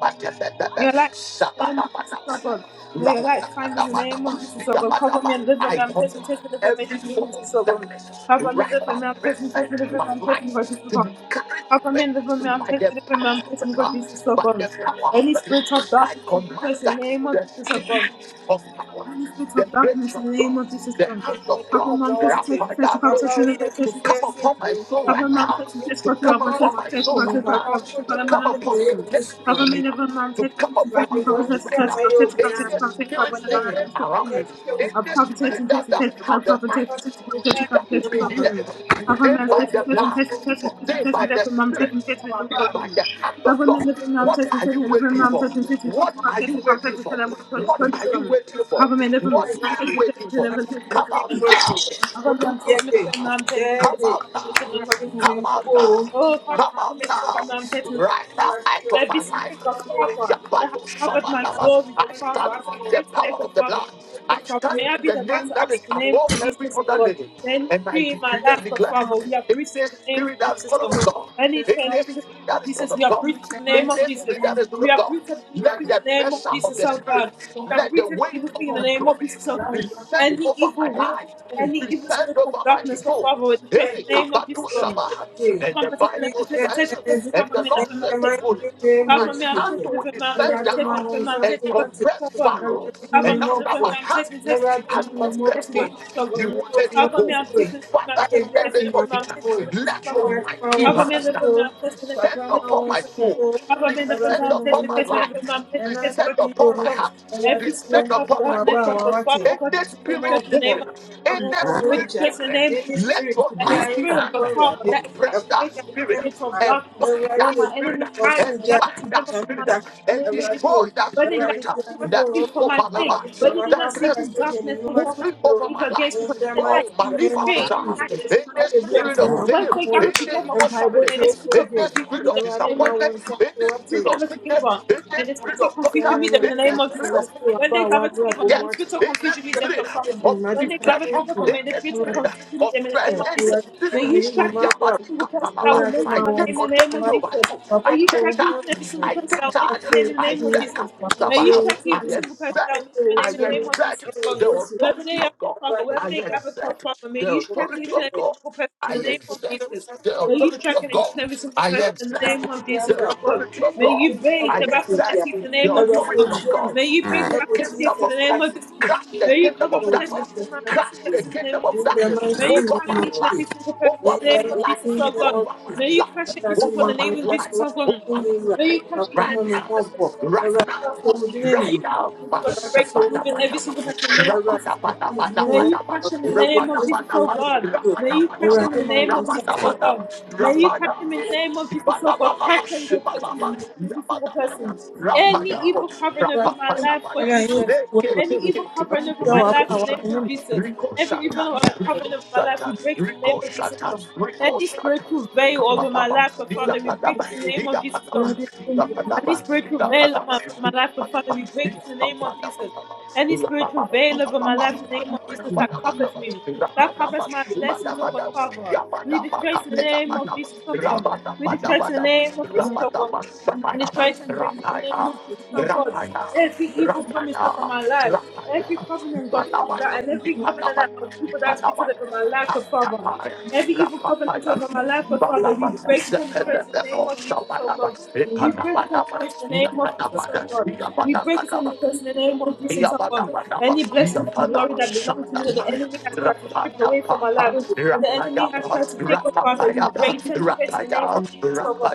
May your light shine in the name of Jesus, oh
Sabarabana,
God.
I
May your light shine in the name of Jesus, oh God. Cover me and deliver me. I'm
command
testing, testing, deliver me.
every
Should of
form of
Jesus, oh God.
darkness
Cover me and
right
deliver
now
me. I'm testing, testing,
present in
deliver me.
my
I'm testing,
life
for Jesus, oh
to
God.
be carried
Cover
away
me and deliver me. I'm
by
testing,
the
deliver me. I'm
power of the
testing, for
Lord.
Jesus, oh
By
God.
the power of
Any
the
spirit
Lord,
of
I
darkness, we
command
curse in
that
the name of
the
Jesus, oh
spirit
God.
of power,
Any spirit
the
of
grace
darkness in
of
the name
God,
of Jesus
the
Christ.
Papa,
hand
we
of
Cover
God,
are
my manifest and
Maboti,
test and
Rapada
cover test
knows
Papa
and
Wia
cover
to
test and cover
come
test and
upon
cover.
my
Cassiasi,
soul right
Cover my
Papa,
now,
manifest and test
to
and
come
cover
upon
test
put
my
and test and
soul
cover
the
right
test and cover
now,
Papa
to
test and
Uncle,
cover my
come upon
manifest
my
and
Miss
destiny
cover
right
me
Bonnie,
now
never man
to
test and
come
test and
upon
test and
my
Randy
cover
Bonnie,
life
test and
right
test and
now.
cover
Mayo,
test and cover
Bia,
test and
Any
cover test and cover
spirit
Tax
when I got
Seven,
lingering
another step.
around me,
Tax Two,
I
any
cover test
spirit
and test
that
and test
doesn't
and cover
have the
cover test
right
Papa,
and test and cover
to
test and cover
legally
test and
be
no
here,
cover. Cover my
today by
manifest and
the
test and
one,
blood,
test and test and test and
today
test
by
and
the
cover my manifest
spirit,
and test
Papa,
and cover.
today
Papa,
by the hand
Cover
of
me
God,
never man
what
test and
are
test
you
and cover my
waiting for?
manifest and test and test and cover.
What
Cover
are you waiting for? What are you waiting for?
me and deliver me.
What
None
are you
takes me,
waiting
takes me,
for?
never takes me. but
Come out
it's
now.
me. Cover me, I'm
Come out
taking me, but
now.
none takes me,
Come
takes me.
out
Cover me, till
now.
I'm like this,
Come
so far.
out now.
Oh, cover me,
Come
I'm
out
taking me, but
now.
none takes me, but
Right
it's me.
now, I took my
Every
life.
spirit of
I
Father
am
that
but
has
to
covered
suffer
my
now.
glory, the
I
Father,
stand
as I
in
pray
the
today,
power
the
of the
Father.
blood. I
But Father,
stand
may I
in
be
the
the
name
battle
that
axe
is
in the name
above
of
every
Jesus, oh
other
God.
name.
Any
And I
tree in my
decree and
life, but
declare
Father, we have
in
reached
this
the name of
spirit that is
Jesus,
not
oh
of
God.
God,
Any
in
tree, in
this
the name
spirit
of
that is not
Jesus, we
of
have
God,
reached the name
in
of
this
Jesus.
spirit that is not
We
of God,
uproot every evil
let
thing in
the
the name of
pressure of
Jesus,
the
oh
spirit,
God. We
let
uproot
the
every evil
weight
thing
of
in the
the
name of
glory
Jesus, oh God.
descend
Any
over my
evil wind,
life
Thank you.
any evil
descend
spirit of
over my
darkness, God,
I got my
soul.
Father, we destroy it
Hey,
in the name of Jesus,
kabatu
own
God.
shaba. And
Cover and
the
protect me, lift and
Bible
protect me, protect
says,
me, protect me,
and
cover
the
me,
Lord
lift and
said to
protect me.
Moses,
Cover
My
me, I'm
hand
sister.
tested, lift
will
and
I got my own mother. I got my own mother. I
protect
descend
got
me, protect
my
me,
down
lift and
own sister.
and
protect me,
compress
God, Father,
I got
Pharaoh.
my
how
own
come
And
me I'm not
after
from me?
my
I'm
hand
text me, text me, from me,
has
I'm text me, text
compressed
me,
sister.
go to
him,
the
he
club.
will
I
let you
How come
go.
me I'm text me, from me, I'm
Father, in
text me,
the
text me,
name
from
of
me, I'm
Jesus,
text me, go to the
let your
club.
got my
mighty
How
own.
come me
self,
I'm
hand
not
so.
from me? I'm text me, text me,
descend
text me, go
upon
to
Papa,
my
nso
the club.
soul,
How come me I'm not from me?
Awurade
descend
hu
I'm
me
text
upon
me,
my
text me,
mmɔbɔ.
from me,
life,
I'm text me,
Ɛna
text me,
descend
go
anadwo
to
yi o,
upon
the
my
club.
heart,
Awurade
Every
hu
descend
spirit
w'ani
of
kyerɛ
upon my
w'aba
darkness,
a
of
body.
God,
wawate.
Father, God,
Any
Hu
this is
me
the in
spirit
the
mmɔbɔ.
name of
moving in
Wɔho
Mm.
the
wɔn
We
spirit
agya.
distress in the
lingering,
name of
Any
Jesus.
let
spirit
your
Any
biara
mighty
nsi
spirit of
hand
the
wɔ
Father
Awurade.
that
compress
Ɛko
that
is infiltrated
biara
in the
ne
spirit
spirit
mma.
of
and
darkness,
bind
where
that
Awurade,
my
spirit
enemies
wɔso
hide
and
gya.
together
bind that
together for my
spirit
sake, in the
and
name of
Awurade,
destroy
Jesus.
that
Whether they God
Awurade
spirit
tua
give
ne
us
ko,
that
speak
is
for my
over my
sake.
Awurade tua
life.
whether they did not
m'atamfo
sleep in
kasa deɛ
Darkness
ne
darkness
nnwuma si
before the
moving
so,
over my
evil gates,
life.
in
because
the
in the night
Oh, my
mighty
because the
life
name
of
of
faint in the
shame.
night
Jesus.
is
In
not
the
the
Hallelujah
spirit
faint.
for
of
When
blame,
they
Nyankopɔn
gather
in the
together for
yi,
evil
mpaebɔ
trouble,
spirit,
they the
tie fo
speak of
in
agye,
the
confusion
spirit
lead
of
them in the
Awurade
name
ma
of
wɔn
disappointment,
nsa
Jesus.
in
so
the
They
spirit
wate.
of
gather
sickness,
together.
in
Yeah,
May
the
the
spirit
spirit of
of
confusion
torture,
biara
meet them in the
in
Awurade
the
name of
Nyankopɔn
spirit
Jesus.
of
yɛfiri
When
w'aba
they
a
gather together,
w'abrabɔ
may
mu
the
akyɛ
spirit
death,
of
in the
confusion meet them to
spirit
problem.
me mma
of
When they
gyesa
gather
depression,
together,
fonfrɛ
in
may the
the
spirit of
Awurade
spirit
confusion
gyesa
meet
of
them in the
fonfrɛ
stress,
name of
in the
Jesus.
Awurade
May
spirit
gyesa me
of
you
ne me
strike
mma
me
abrabɔ
single person that
Ayabanikapalaba.
will
Awurade ma
mention
I
my name
wɔn
take
in
nsa
the name
so
authority
of
ate
over
Jesus.
you.
papa
I
May you
kyerɛ
take
wo
strike each
ho
charge.
and every single
anuonyam
I
person
take
that will
papa
mention
charge.
my
kyerɛ
name
wo
in the
I
name
tumi
of
said,
Jesus.
papa
May you
kyerɛ wo
strike
I
every
tumi
single person
papa
that
exert,
will mention
kyerɛ
my
wo
I
name in the
tumi
name of
exert
Jesus.
ɛwɔ
God.
the
Yesu
Wherever
authority
they are
of God.
from, or wherever
I
they gather come
exert
from, may
the
you strike
authority
each and
of
every
God.
single person in
I
the name of
exert
Jesus.
the
May you
authority
strike
of
each
God.
and every single
I
person in the
exert
name of Jesus,
the
oh God.
authority of
May
God.
you break
I
the wrath of the
exercise
teeth in the
the
name of Jesus.
authority
God.
of God.
May you break
Let
the
the
wrath of the
kingdom
teeth in
of
Jesus
the name
God
of
Christ.
Jesus.
crush the
May you
kingdom
cover,
of
Lord
protect, protect,
Jesus,
and
darkness,
man,
thank
crush the
protect in
you.
the name
kingdom
of
of
Jesus.
In
God.
the
darkness
May
mighty
you
over
crush
name
my
of
each and every
life,
Jesus.
single person in
In
over
the
my
name
the
of
life,
Jesus,
mighty
oh
name
God.
of
over my
May
Jesus.
you
life,
crush every
Ẹwurade
single
ma
one
over
in the
wọn
my
name of
ìfẹsọ
life,
Jesus,
wá
oh
over
God.
fún
my
mi rà.
May you
life,
crush
Papa
each and
right
hàn
every
mi
single
now,
mọ̀
person
bọ̀.
in the name of
right
Ẹwurade
now.
Jesus,
ṣe
oh God.
wo dín ẹnì
May you
Right
mọ̀.
crush
now,
and
Ẹwurade
break
ṣe wo
and even
dín ẹnì
every
Bashabadabadaba,
single
mọ̀.
person in the name of
Ẹwurade
Jesus, oh God.
ẹ̀ka mi mú
May
wọn.
you
Rabadabadabadabadaba,
crush them
Ọ̀pẹ
in the
yẹ
name
bèbí ó
of Jesus,
sì
oh
wá
Rabadabadaba,
lè
God.
fi o.
May you crush them
Rabadabadaba,
Ẹwurade
in the
ma
name
wọn
of Jesus,
ìfẹsọ
oh
wá fún
Rabadabadaba,
God.
mi
May
rà.
you crush
Rapaya,
them in the name of Jesus, oh God.
Sibalababa,
Crush and protect them,
Fún
Shibalaba,
mi ní
every single
Yabadabaya,
person. Any
mọ̀ bọ̀.
Rapaya,
evil covering over
Ẹwurade
my
ṣe mi
life, God
fẹ́rẹ̀
Rapapaya,
ayé
Jesus.
ìfowó ẹ̀wà
Any
rẹ̀.
evil
Ẹ̀kú
covering
Lekekekeke,
over
tí
my
Rico
life in the name of
Shata,
Jesus.
Rico
Every
Shata,
evil covering
Rico
over my life, we
Shata,
break it in the name
Rico
of Jesus, oh God.
Shata, Rico
Any
Shata,
spiritual veil over my
Kapalaba,
life, but Father, we break
Yabadaba,
it in the name of Jesus. oh
Yabadaba,
God.
Yabadaba,
Any
Yabadaba,
spiritual veil over my over my life, but Father,
Yabadaba,
we break it in the name of Jesus. Any spiritual
Yabadaba,
veil over my
Yabadaba,
life, in the name of Jesus,
Yabadaba,
that covers
Yabadaba,
me,
Rapaya,
that covers my blessings, oh God, Father. We destroy it in the name of Jesus, oh God. We destroy it in the name of Jesus, oh God. And destroy it and break it in the name of Jesus, oh God. Every evil promise over my life, every covenant, God, Father, that, and every covenant that of people that speak over my life, God, Father. Every evil covenant over my life, but Father, we break it and destroy it in the name of Jesus, oh God. We break it and destroy it in the name of Jesus, oh God. We break it and destroy it in the name of Jesus, oh God.
Yabadabadaba,
Any blessings and glory
Yabalaba,
that belong to me that the
Shandapaya,
enemy has tried to strip away from my
Rapatapapa,
life, that the enemy has
Rapayaba,
tried to take, oh Father, we
Rapapayaba,
break it and destroy it in the name
Rapaya,
of Jesus, oh God.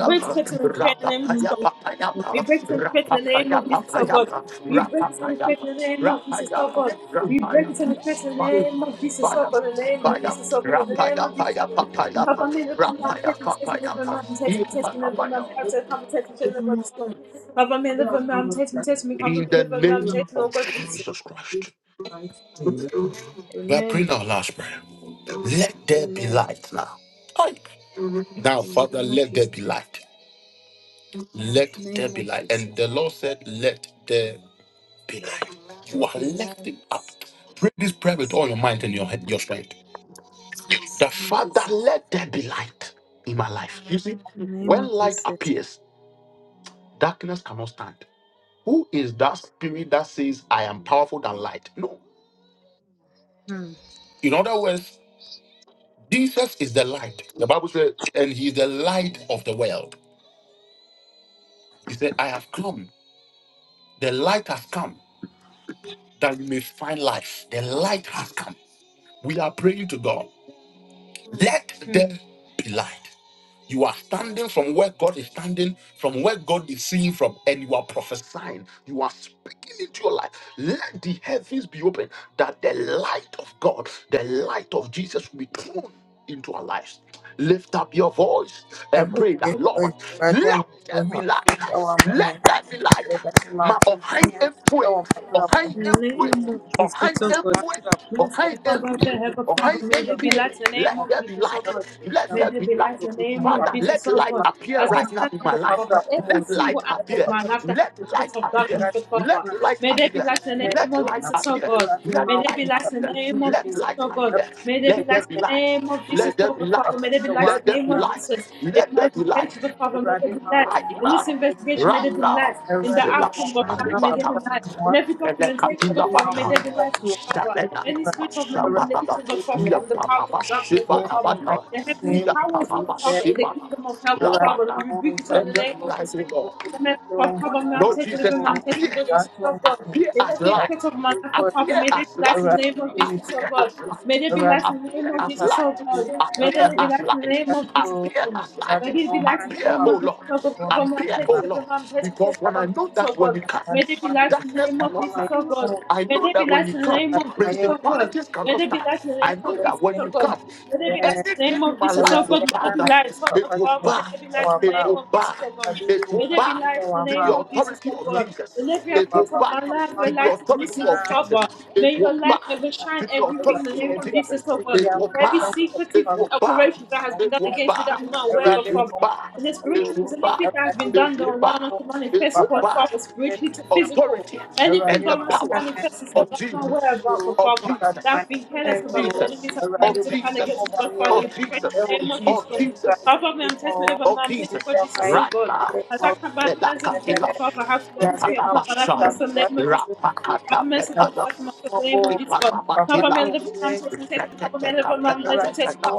Break it and destroy it in the name of Jesus, we
Rapapayabapayaba,
break it on the faith in the name of Jesus, oh God.
Rapapayabapayaba,
We break it on the faith
Rapapayaba,
in the name of Jesus, oh
Rapaya,
God. We break it on the faith in the
Rapaya,
name of Jesus, oh
Sipaya,
God. In the name of
Sipaya,
Jesus, oh God. In the name of Jesus, oh God.
Rapayapayapapayaba,
Help me, every man, take me, take me, every
Rapayapapayaba,
man, take me, take me, every
Imanabaya.
man, help me, help me, take me, take me, every man. Help me, every man, take me, take me, help me,
In the
every man,
name
take me,
of
oh God, Jesus.
Jesus Christ, we are praying
Amen.
our last prayer. Let there be
Amen.
light now. Aye. Now,
In the
Father,
name of
let there
Jesus.
be light. Let there
Name
be
of
light. And
Jesus.
the Lord said, Let there be light. You
There
are
be
lifting up.
lights.
Pray this prayer
In
with all your mind and your head, your strength. The
the name of
Father,
Jesus.
let there be light in my life. You see,
In the name
when
of
light
Jesus.
appears, darkness cannot stand. Who is that spirit that says, I am powerful than light? No.
Hmm.
In other words, Jesus is the light. The Bible says, and he is the light of the world. He said, I have come. The light has come that you may find life. The light has come. We are praying to God. Let
Hmm.
there be light. You are standing from where God is standing, from where God is seeing from, and you are prophesying. You are speaking into your life. Let the heavens be open that the light of God, the light of Jesus will be thrown into our lives. Lift up your voice and pray that, Lord, let there be light. Let there be light. Ma ọ̀hán epoe, ọ̀hán
In the
epoe,
name of Jesus,
ọ̀hán
oh God.
epoe, ọ̀hán
Merciful Father, the
epie,
heaven, Father,
ọ̀hán
may they be
epie.
light in the
Let
name of
there be
Jesus, oh
light.
God.
Let
May
there
they
be
be light
light.
in the name of
Father,
Jesus,
let
oh
light
God.
appear
As I
right now
stand
in
here,
my
God,
life.
Father, every
Let
single
light
act of
appear.
my life that has
Let
been
light
spirit of
appear.
darkness, oh Father,
Let
Papa,
light
may they be
appear.
light in the
Amen.
name
Let
of
light
I'm
Jesus, oh
appear.
God.
wrapping
Let
May
my
they be
light
wings
lights
up
in the
appear.
name
into
of
Let
you.
Jesus,
light
oh God.
appear.
May they be
Let
Everything
there
lights
be
in the
light.
name of Jesus,
you
Let there
oh
be
God, Father.
light.
May they be
Professor
lights
One,
in
Let
the
there
name
be
of
light.
Jesus. In
Let
my
there be light.
application, God, Father, may they
wrapping
be
my
lights.
Right
In this
now,
wings up into
Radima,
investigation, may they be
you.
Rada,
lights. In the
Everything my
outcome,
Silas,
God,
wings
Father,
up
may they
Alibata,
be lights.
into
In
you.
every documentation, God,
Elekatula
Everything
Father,
my
may
Bata,
they
wings
be
up
lights, God, Father.
into
Sabena,
you.
Any spirit of
Sabalaba,
manipulation, God, Father,
Everything
from the power
Yapalaba,
of darkness, God, Father.
my
Sibalabana,
The heavenly
name of
powers,
Jesus.
God,
Yapalaba,
Father, in the
Everything
Sibalaba,
kingdom of hell, God, Father.
my
Rabata.
We rebuke it
wings
all in
up
the
Let them
name of
light
Jesus.
it
into
Amen. Father, cover me, I'm
Lord
taking the
Jesus,
room, I'm
you.
taking
appear,
God, Jesus,
That's
oh
one
God.
appear
Let
as
every
light,
aspect of my life,
thing.
oh Father,
appear
may there
as
be light in
light,
Around
the name of
the
Jesus, oh
appear
spirit,
God.
as
May
light,
there be
around
light
the
in the name
appear
of
spirit,
as
around
Jesus, oh
light,
the
God. May there
appear
be
as
light in the
light,
name of Jesus,
castle,
oh
appear
God.
as
around
light,
May
the
there be light in
hand to
the
appear,
my
name
oh
of Jesus,
Lord,
oh God. Cover
woman in
me, I'm
appear,
taking
my
oh
the room,
Lord,
I'm taking
because
taking
when I
from
know
Jesus, oh
that when you
God.
come,
and
May there be light
watching.
in the
darkness
name
I
of
cannot
come
Jesus,
my
stand.
oh God.
own,
I
May
know
there be
that when
light
you
in the
come,
name
around
of
my
Jesus,
own,
oh God.
principalities
May
cannot
there be
stand.
light in the
I
name
know
of
that
Jesus,
when
oh
you
God.
come,
May there be light in the
anything
name
in
of
my
Jesus, oh
life
around
God.
will
the
May there
bow
be
hand
down.
light,
and
oh God,
It
papa
will
Father.
to
May
bow.
there be light in
our
the
It
bow.
name
will
of Jesus,
back.
oh
I
God.
do
It
you
will
May
want
there be
back
to
light in the
our
to
name
the
bow.
of Jesus,
authority
oh
of
Around
God.
Jesus.
In every
the
It will
aspect
papa,
of
back
my life where
to
papa,
the
find around
light is
authority
missing, oh
of Jesus.
Father, may
It
your
will
light
back
overshine
to the
everything in the
authority
name
of
of
the
Jesus,
Jesus.
oh
baby,
God.
It will
Every
back.
secretive
It will back.
operation that has been
It
done
I
will
against me that
back.
I'm not aware of, oh
It
Ẹwurade
will
ma
Father.
wo
back.
nsa
In the
so o.
It
spiritual,
will
realms,
back.
anything that has
Ẹwurade
been
hu
done
It
that
mi
will
I
back.
mmɔbɔ.
want to
It
manifest,
will
Papa
oh
hyɛ
back
Father,
wo nsa
to
spiritually to
the
nimuonyam o.
physical.
authority
Anything,
Ẹwurade
and the
ma
God, for
wo
to
power
kanea ne
manifest itself
ntam
of
that's
yɛ me
not aware
Jesus.
mmusu
about
o.
God
Of
Father.
Ẹwurade
That
ma
Jesus.
have
ne
been
nhyɛn
careless
Of
yɛ
about it. The
o.
Jesus.
enemies have been
Ẹwurade
able
Of
to
bɔ
plan
yɛn ho
against me
Jesus.
God
ban o.
Father. We
Of
pray
Jesus.
Ɛwɔ
in the name of
Of
Jesus
Jesus.
Jesus
Christ
Our Father,
din
I'm
mu
testing
o.
over my
Oh
I'm
In
testing
Jesus,
God
the
Jesus, oh
right
God.
mighty
now.
name
As I
of
clap my hands and pray, God
Elakatila,
Jesus.
Father, have
Ẹwurade
mercy
ma
and
wo
clap my life for
nsa
my
Ipanabasha,
so
son, name
w'asɛ
of Jesus.
so
Have
Rapakata
mercy upon my
Papa hu
Pepalas,
life for my
me
son,
mmɔbɔ
name
o.
of Jesus, God. Cover me,
Ipanabatila,
live my I'm testing, I'm testing, cover me,
Rekateka
my I'm testing, testing, cover
Penadetela,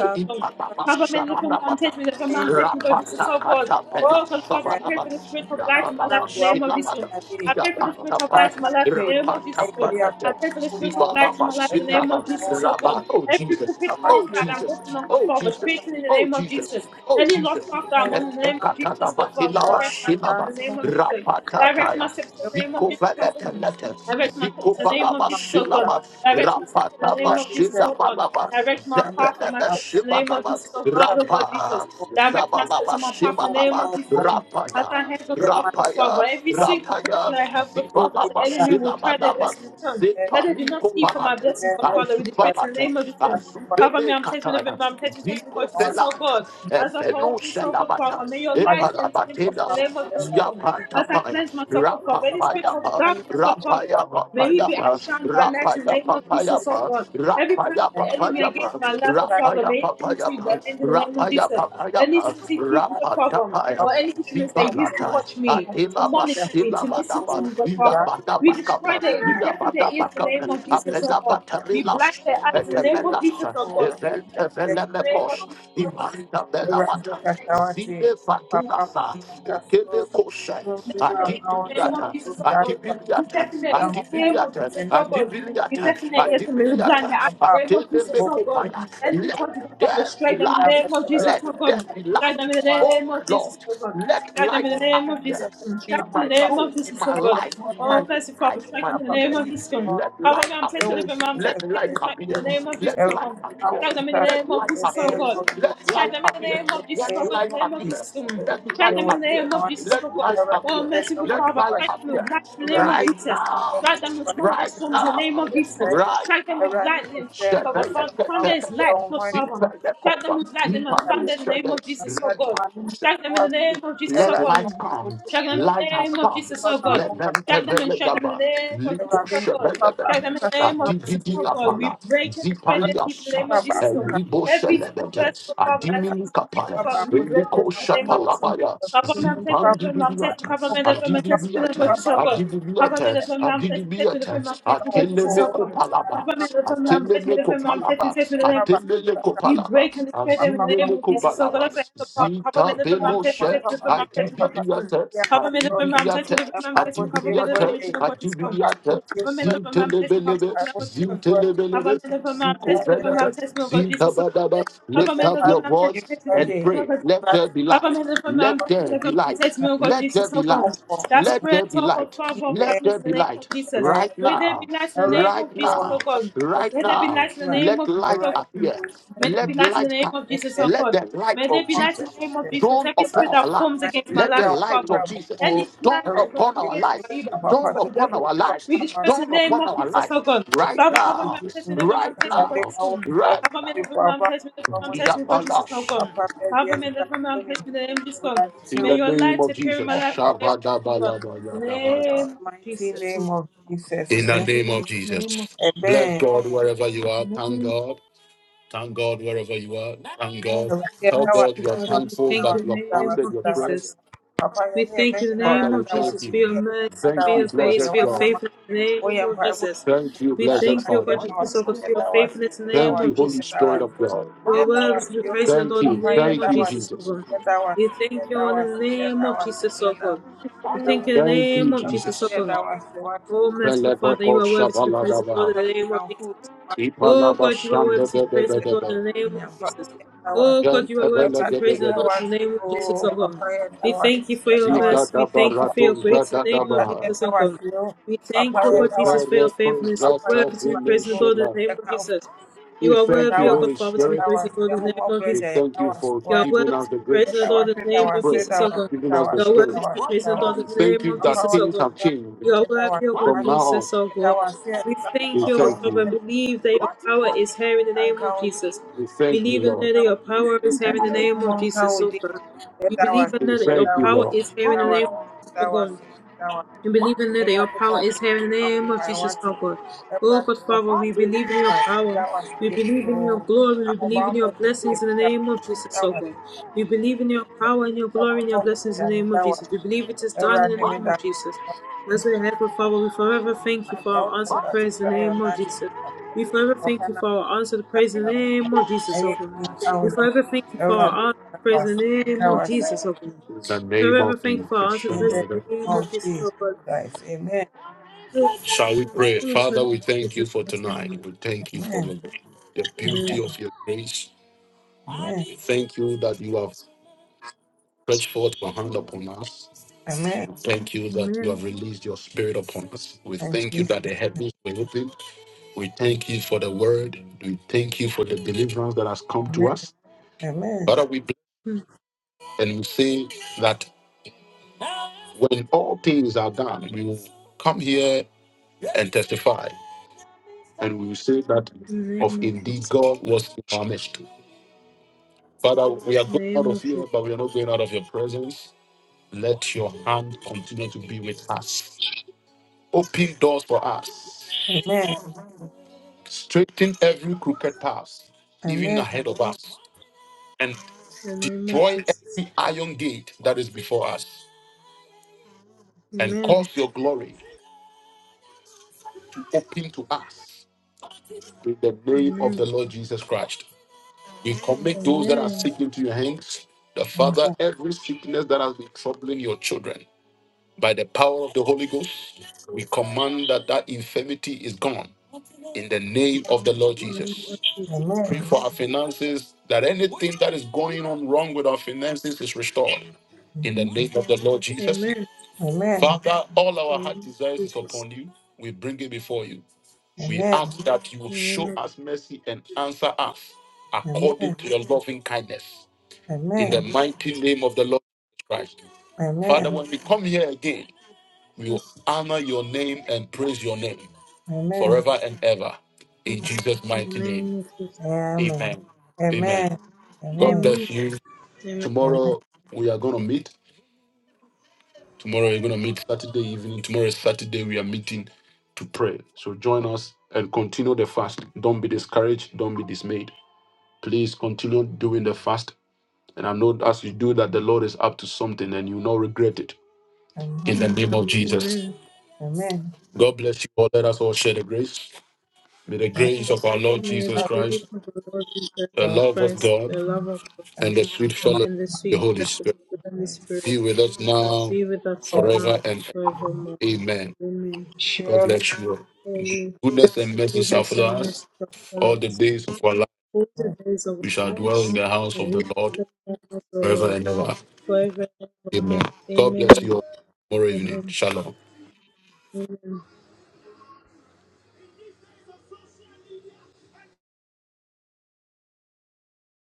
I'm testing, Father, men,
Ipanabasha
look on me, I'm
Manabata,
taking me, look on me,
And
I'm
the
taking me, Lord, this is
name
so good.
Rapakata
of
Oh,
Pelas,
God, Father, I
Amen.
pray for the
Samanabas,
spirit of light in my life in the
Mlango
name of
wako
Yapanabashila Mada,
Jesus.
nabii
I pray for the spirit of
wa
Yapatapa,
light in my life in the
kampeni
name of Jesus, Lord.
aidia
I
Rapatapanate,
pray for the spirit
mfumo
of
wa
light in my life in the name
Uganda
of
Sibalabashila,
wa
Jesus, oh
sasa
God.
Rabba, oh
Every
Jesus,
crooked path
oh
wakati
that I'm
Jesus,
looking on, God
oh
Father,
Jesus,
straighten in the
oh
name of
Jesus.
Jesus.
Oh,
Any lost
Jesus.
path that
ujumbe
I'm
ni
on in the name of
mwanamke
Jesus, God Father,
wa
direct my steps
Etekatanabatilawa-shilaba,
in the
katansi
name of
mungu
Jesus. Direct my
rapatataya,
steps in the name of Jesus, oh God.
zikovelete-lete,
Direct my steps in the name of Jesus, oh God.
zikovalaba-shilaba,
Direct my steps in the name of Jesus, oh God.
rapatabashitabalaba,
Direct my path for my steps in the name of
zepelebe-shibalaba,
Jesus, oh God, oh God, Jesus.
rapa,
Direct my steps on my path in the name
zabalaba-shibalaba,
of Jesus, God. As I
rapaya,
have the Father, for Father,
rapaya,
every single prayer
rapaya,
that I have, the Father, that the enemy will try their
zibalaba-shilabalaba,
best to return.
Thank
That they do not see for my
zipalikobalate,
blessings, but Father, we the in the
azubalate,
name of Jesus, God. Cover me, I'm tasting of it,
azubele-kataya,
I'm tasting, tasting for Jesus, oh
zikofelata,
God. As I hold
Efeno
this, oh God, Father,
Shalabata,
may your light enter into this in the
Epalabatinas,
name of Jesus, oh God. As I
Yapantapaya,
cleanse myself, oh Father, any spirit of
Rapapayapa,
darkness, oh Father. May he be
Rapayapapayapa,
outshined by light in the name of Jesus, oh
Rapayapapayapa,
God. Every plan of the enemy against
Rapayapapayapa,
my life, oh Father, may it come to
Rapayapapayapa,
the end in the name of Jesus. Any
Rapayapapayapa,
CCTV, the Father, or
Rapatapaya.
any instruments they use to
Zibalatai,
watch me, to
Atela
monitor me,
Basila
to listen to
Badaba,
me, God
Ida
Father. We
Badaba
destroy
Kapas,
their, we
Ida
deafen their ears
Badaba
in the name
Kapas,
of Jesus, oh
Apela
God. We blind
Batarilas,
their eyes in the name of
Etemelas,
Jesus, oh God.
Evel
We deafen
you.
their ears in the name of
Evelemekos,
Jesus, oh
Jesus.
God.
Ipanda
We
Lord,
bless
Belamata,
their
I
ears
thank
Zine
Papa,
Fatunasa,
my
Ekele
soul,
Kosha,
you are my
the
own
name of
Adibiliata,
soul,
Jesus so
that
good.
was
You
Adibiliata,
definitely
the
is
home
the
of
name of
Adibiliata,
Jesus
the
so good. You
Lord.
Adibiliata,
definitely is the name of blind the
Adibiliata,
Papa,
name of
Atele
Jesus
who
so good.
Lekopaya, let
Anybody who from the
there be
you
straight in the
light.
have
name of
ever
Jesus
Let
so
had
there
good.
be
Straight
light.
in the
our
name
Oh
of Jesus
Lord,
so good.
let
Straight in
light
the name of Jesus.
appear
yes,
Straight
in
I'm
in
a
the
my
brother.
name
soul,
of
in
Jesus
my
so
I can
good.
life,
only
in
have
Oh
my
you,
mercy Father,
eyes, in
straight
my
in
my
the
Papa,
name of
you
industry.
Jesus.
are.
Let
Father
light
God, I'm placing
Oh,
appear.
them my I'm taking
Let
Jesus,
taking
light
it's
strike them
appear.
in the
been
name of Jesus,
Let
every
oh
light
God.
appear.
hour
Strike them in the
that
Let
name of
light
the
Jesus, oh
appear.
name of
God.
Jesus,
Let
Strike
light
them in the
appear.
name of Jesus,
Let
oh
the
God, in
light
the name of
appear.
Jesus. oh God.
Let
Strike
name
them
light
in
of
the
appear.
name of
Jesus.
Jesus,
Let
oh God.
light
Oh,
appear.
merciful
Let
Father,
light
Thank
strike them
appear.
with light in the name of
Right
Jesus.
now.
Strike them with
Right
thunderstorms in the name
now.
of Jesus.
Right
Strike them with
now.
lightning, thunder, God. Thunder
Shadayakata,
is light, God, Father. Strike them
Zipayakova,
with lightning and
Ipalo
thunder in the name of Jesus, oh God.
Shada,
Strike them in the name of Jesus, oh
let light
God.
come.
Strike them in
Light
the name
has
of
come.
Jesus, oh God.
Let them
Strike them and strike them in
tevelegaba.
the name of Jesus,
Liko
oh God. Strike them
shebelebete.
in the name of Jesus,
Adibidi
oh God. We
apala.
break and destroy their
Zipali
teeth in the
asha.
name of Jesus, oh God.
Elibo
Every single person,
shelebete.
oh Father, that
Adimini
speaks to people,
kapaya.
Father, we break that
Eliko
in the name of Jesus.
shapalabaya.
Cover me, I'm testing the film, I'm testing, cover
Zipandibidiate.
me, the film, I'm testing the book,
Adibidiate.
so God.
you.
Cover me, the
Adibidiate.
film, I'm testing, testing the film, I'm
Adibidiate.
testing the book, so
Atelemeko
God.
palaba.
Cover me, the film, I'm testing the
Atelemeko
film, I'm testing,
palaba.
testing the name. of Jesus.
Atelemeko
We break and
palaba.
destroy them in the name of Jesus. So God, I say,
Zinemekubalabas,
cover me,
Zita
deliver me, I'm testing,
Beloshet,
test me, deliver me, I'm testing, God is good.
Adibidiatet,
Cover me, deliver me, I'm testing, deliver me,
Adibidiatet,
I'm testing, cover me, deliver me,
Adibidiatet,
children, God is gone.
Adibidiatet,
Cover me, deliver me, I'm testing, I'm testing,
Zintelebelebe,
God is gone. Cover
Zintelebelebe,
me, deliver me, I'm testing, deliver me,
Zinkovelebe,
I'm testing, God Jesus, so
Zintabadaba.
God. Papa,
Lift
man,
up
that's
your
what I'm testing,
voice
testing, taking.
and pray.
testing.
Let there be
Papa,
light.
man, that's what I'm
Let
testing,
there
that's
be
what I'm
light.
taking. me, oh God,
Let there
Jesus,
be
oh God.
light.
That
Let
spirit,
there be
oh God,
light.
Father of
Let
darkness,
there
in the
be
name of
light
Jesus.
right
May there be
now,
light in the name
right
of Jesus, oh
now,
God.
Amen.
right
May there be
now.
light in the
Right.
name
Let
of Jesus,
All
light
oh
right.
God.
appear.
In
May
the
there be
name
Let
light
of
in the
light
name
come.
of Jesus, oh
Let
God.
the light
May
Jesus.
they
of
be
All
light in the name
Jesus
of Jesus.
dawn
Every
upon
spirit
right.
our
that
life.
forms
My
against my
Let
life
the
children
or
will
light
father.
of
travel
Jesus
for-
Any plan
dawn
all
that
right.
is not
upon
In
our
the
propagated
life.
name
by you, but
of our
propagated
Dawn
by
Father,
the
upon
devil.
we
our
thank you for
We
lives.
our
distress in
Dawn
the name
upon
of
our
Jesus, oh
lives
God.
Jesus
right
Father,
Christ,
cover
we
me
now,
and
give
test me,
you-
never man
right
All
test me,
right. They
God
are
now,
Jesus. oh
all
God.
with us.
right
Cover me,
We pray
now.
never
for our
man
Father,
test me, never man
common,
test me, God Jesus, oh
Yabalash.
God.
Papa, baby,
Cover
and
me, never man
Tony.
test me, in the name of Jesus,
All
oh
right.
God.
The
In
May
the
children
your
name
light
of
will
appear in
Jesus.
my
travel
life,
for
Shabbat
our
in the name of
Father, in
Jesus, oh God. In the Name
the
of
Mighty
Jesus.
name of Jesus,
in the
amen.
name of
Name of
Jesus. Bless
Amen.
God wherever you are. Thank God. Thank God wherever you are. Thank God. Tell
Jesus.
God you are thankful
thank
that
you,
you have
name
answered
of
your
Jesus.
prayers.
papa
We
yɛne yɛma
thank you in the
Father,
name
nyinaa
we
of
da
thank
wase
Jesus for
you.
yɛne
your
yɛma
mercy,
da
Thank
for
you,
your
wase wɔ
blessed
deɛ
grace, for your
wayɛ
God.
ama
faithfulness in the name
woyɛ
of
mpaebɔ
Jesus.
Thank you,
We
yɛda
blessed
thank
wase
you, O God
Father.
Jesus, oh God, for your
yɛda wase
faithfulness in the
yɛda wase yɛda
name
Thank you,
of
Holy
Jesus,
Spirit
oh God.
wase
of God.
Your
yɛda
word is to be
wase
praised and
Thank
adored in
you.
the
papa
name
Thank
yɛda
of
you,
wase
Jesus, oh
Jesus.
God.
yɛda wase
We thank you
yɛda
Lord, in
wase
the
yɛda
name of
wase
Jesus, oh God.
yɛda
We thank
wase
you in the
Thank you,
name of
awurade
Jesus, oh
Jesus.
yɛda
God.
wase wate
Oh, merciful Father,
awurade
you are
yɛda
worthy
wase
to be praised and
Velebekoshabaladabaha.
adored in the name of Jesus.
kamfo wo din. Woayɛ
Oh God, you are worthy to be praised, O
kɛse.
God,
Ipalabashandebebebebe.
in the name of
Onyame pa
Jesus. Oh God, you are worthy to be praised, O God,
Ventebelegedegede.
in the name of Jesus,
Wasiu,
O God.
papa Yenda
We
Wasiu,
thank you for your
Yenda
mercy.
Wasiu,
We thank you for your grace in the name of Jesus,
Zigadabaratuzadadabaha.
Yenda
O God.
Wasiu,
We are
We
papa Yenda
thank
Wasiu, papa
worthy
Yenda
to praise,
Wasiu,
Lord, in the name of
Yenda
Jesus. You are
you, Holy
Wasiu,
Spirit.
Yenda Wasiu,
the name
Homo
of Jesus.
We
Breja, Yenda
thank you for
You are
Wasiu,
worthy
giving us the
to praise, O
Yenda
grace
God, in
Wasiu,
the
Yenda
to
name of
Wasiu,
pray
Jesus, O
and
God.
giving
Yenda
us the
Wasiu,
You are
strength.
worthy
Yenda
to be
We
Wasiu,
praised,
Yenda
O God,
Wasiu,
in the
thank
name
you
of
that
Jesus,
papa
O
things
God.
have changed
You are
Yenda Wasiu, Yenda Wasiu,
worthy, O God,
from now on.
Jesus, O
Yenda
God.
Wasiu,
We
We
thank you, O
thank
God, Father,
you.
and believe that your power is here in the
Yenda
name
Wasiu,
of
papa,
Jesus.
We
We
thank you,
Believe in
Lord.
that your power
That was
We thank
that
you,
was
Lord.
that was that was it. Oh
Name
We praise the name of Jesus, O God. We forever thank you for our honor. Praise the name of Jesus, O God. We forever
of you,
also praise the
Father.
name of
Jesus Christ! Amen.
Shall we pray?
Jesus. Jesus Christ, Amen.
Thank you for
Amen.
the, the beauty of your grace.
Amen.
Thank you that you have stretched forth your hand upon us.
Amen.
Thank you that you
Amen.
have released your spirit upon us. We
In
thank you
Jesus'
that the
name.
heavens were open. We thank you for the word. We thank you for the deliverance that has come to
Amen.
us.
Amen.
Father, we bless and we say that when all things are done, we will come here and testify. And we will say that
In the
of
name of
indeed
Jesus.
God was in our midst. Father, we are
In
going
the
out
name
of
of
here,
Jesus.
but we are not going out of your presence. Let your hand continue to be with us. Open doors for us.
Amen.
straighten every crooked path, even
Amen.
ahead of us, and
In the name of
destroy
Jesus.
every iron gate that is before us, and
Amen.
cause your glory to open to us in the name of the
Amen.
Lord Jesus Christ. We commit those that are
Amen.
sick into your hands. The Father,
Amen.
every sickness that has been troubling your children, by the power of the Holy Ghost, we command that that infirmity is gone in the name of the Lord
In the name
Jesus.
of Jesus.
Pray
Amen.
for our finances, that anything that is going on wrong with our finances is restored. In the
Mhm.
name of the Lord Jesus.
Amen. In
Amen.
Father, all
the
our
name of
heart
Jesus.
desires is upon you. We bring it before you. We
Amen.
ask that you will
In the name
show
of
us mercy and answer us
Amen.
according to your loving kindness. In the
Amen.
mighty name of the Lord Jesus Christ. Father, when we come here again, we will honor your name and praise your name
Amen.
forever and ever. In Jesus' mighty name.
Amen.
Amen. Amen.
Amen.
God
Amen.
bless you.
Amen.
Tomorrow we are going to meet. Tomorrow we're going to meet Saturday evening. Tomorrow is Saturday. We are meeting to pray. So join us and continue the fast. Don't be discouraged. Don't be dismayed. Please continue doing the fast. And I know as you do that, the Lord is up to something and you will not regret it.
Amen. Mhm.
In the name of Jesus.
Amen.
Amen. Amen.
God bless you all. Let us all share the grace. May the grace of our Lord
May
Jesus
the grace
Christ,
of the Lord Jesus
the love of
Christ, the
God,
love of God,
and the sweet fellowship
and the
of the
sweet
Holy
fellowship of
Spirit
the Holy Spirit
be with us now,
be with us now
forever,
and
and
forevermore.
amen.
Amen.
God
Surely
bless you all.
Holy
Goodness and mercy shall
goodness
follow
and mercy
us
shall
all
follow
the
us
days of our life.
all the days of
We
our
shall dwell in
lives,
the house of
and we
the Lord
will dwell in the house of the
forever
Lord
and ever.
forever and ever.
Amen. God bless
Amen.
you all. Tomorrow evening.
Amen.
Shalom.
Amen.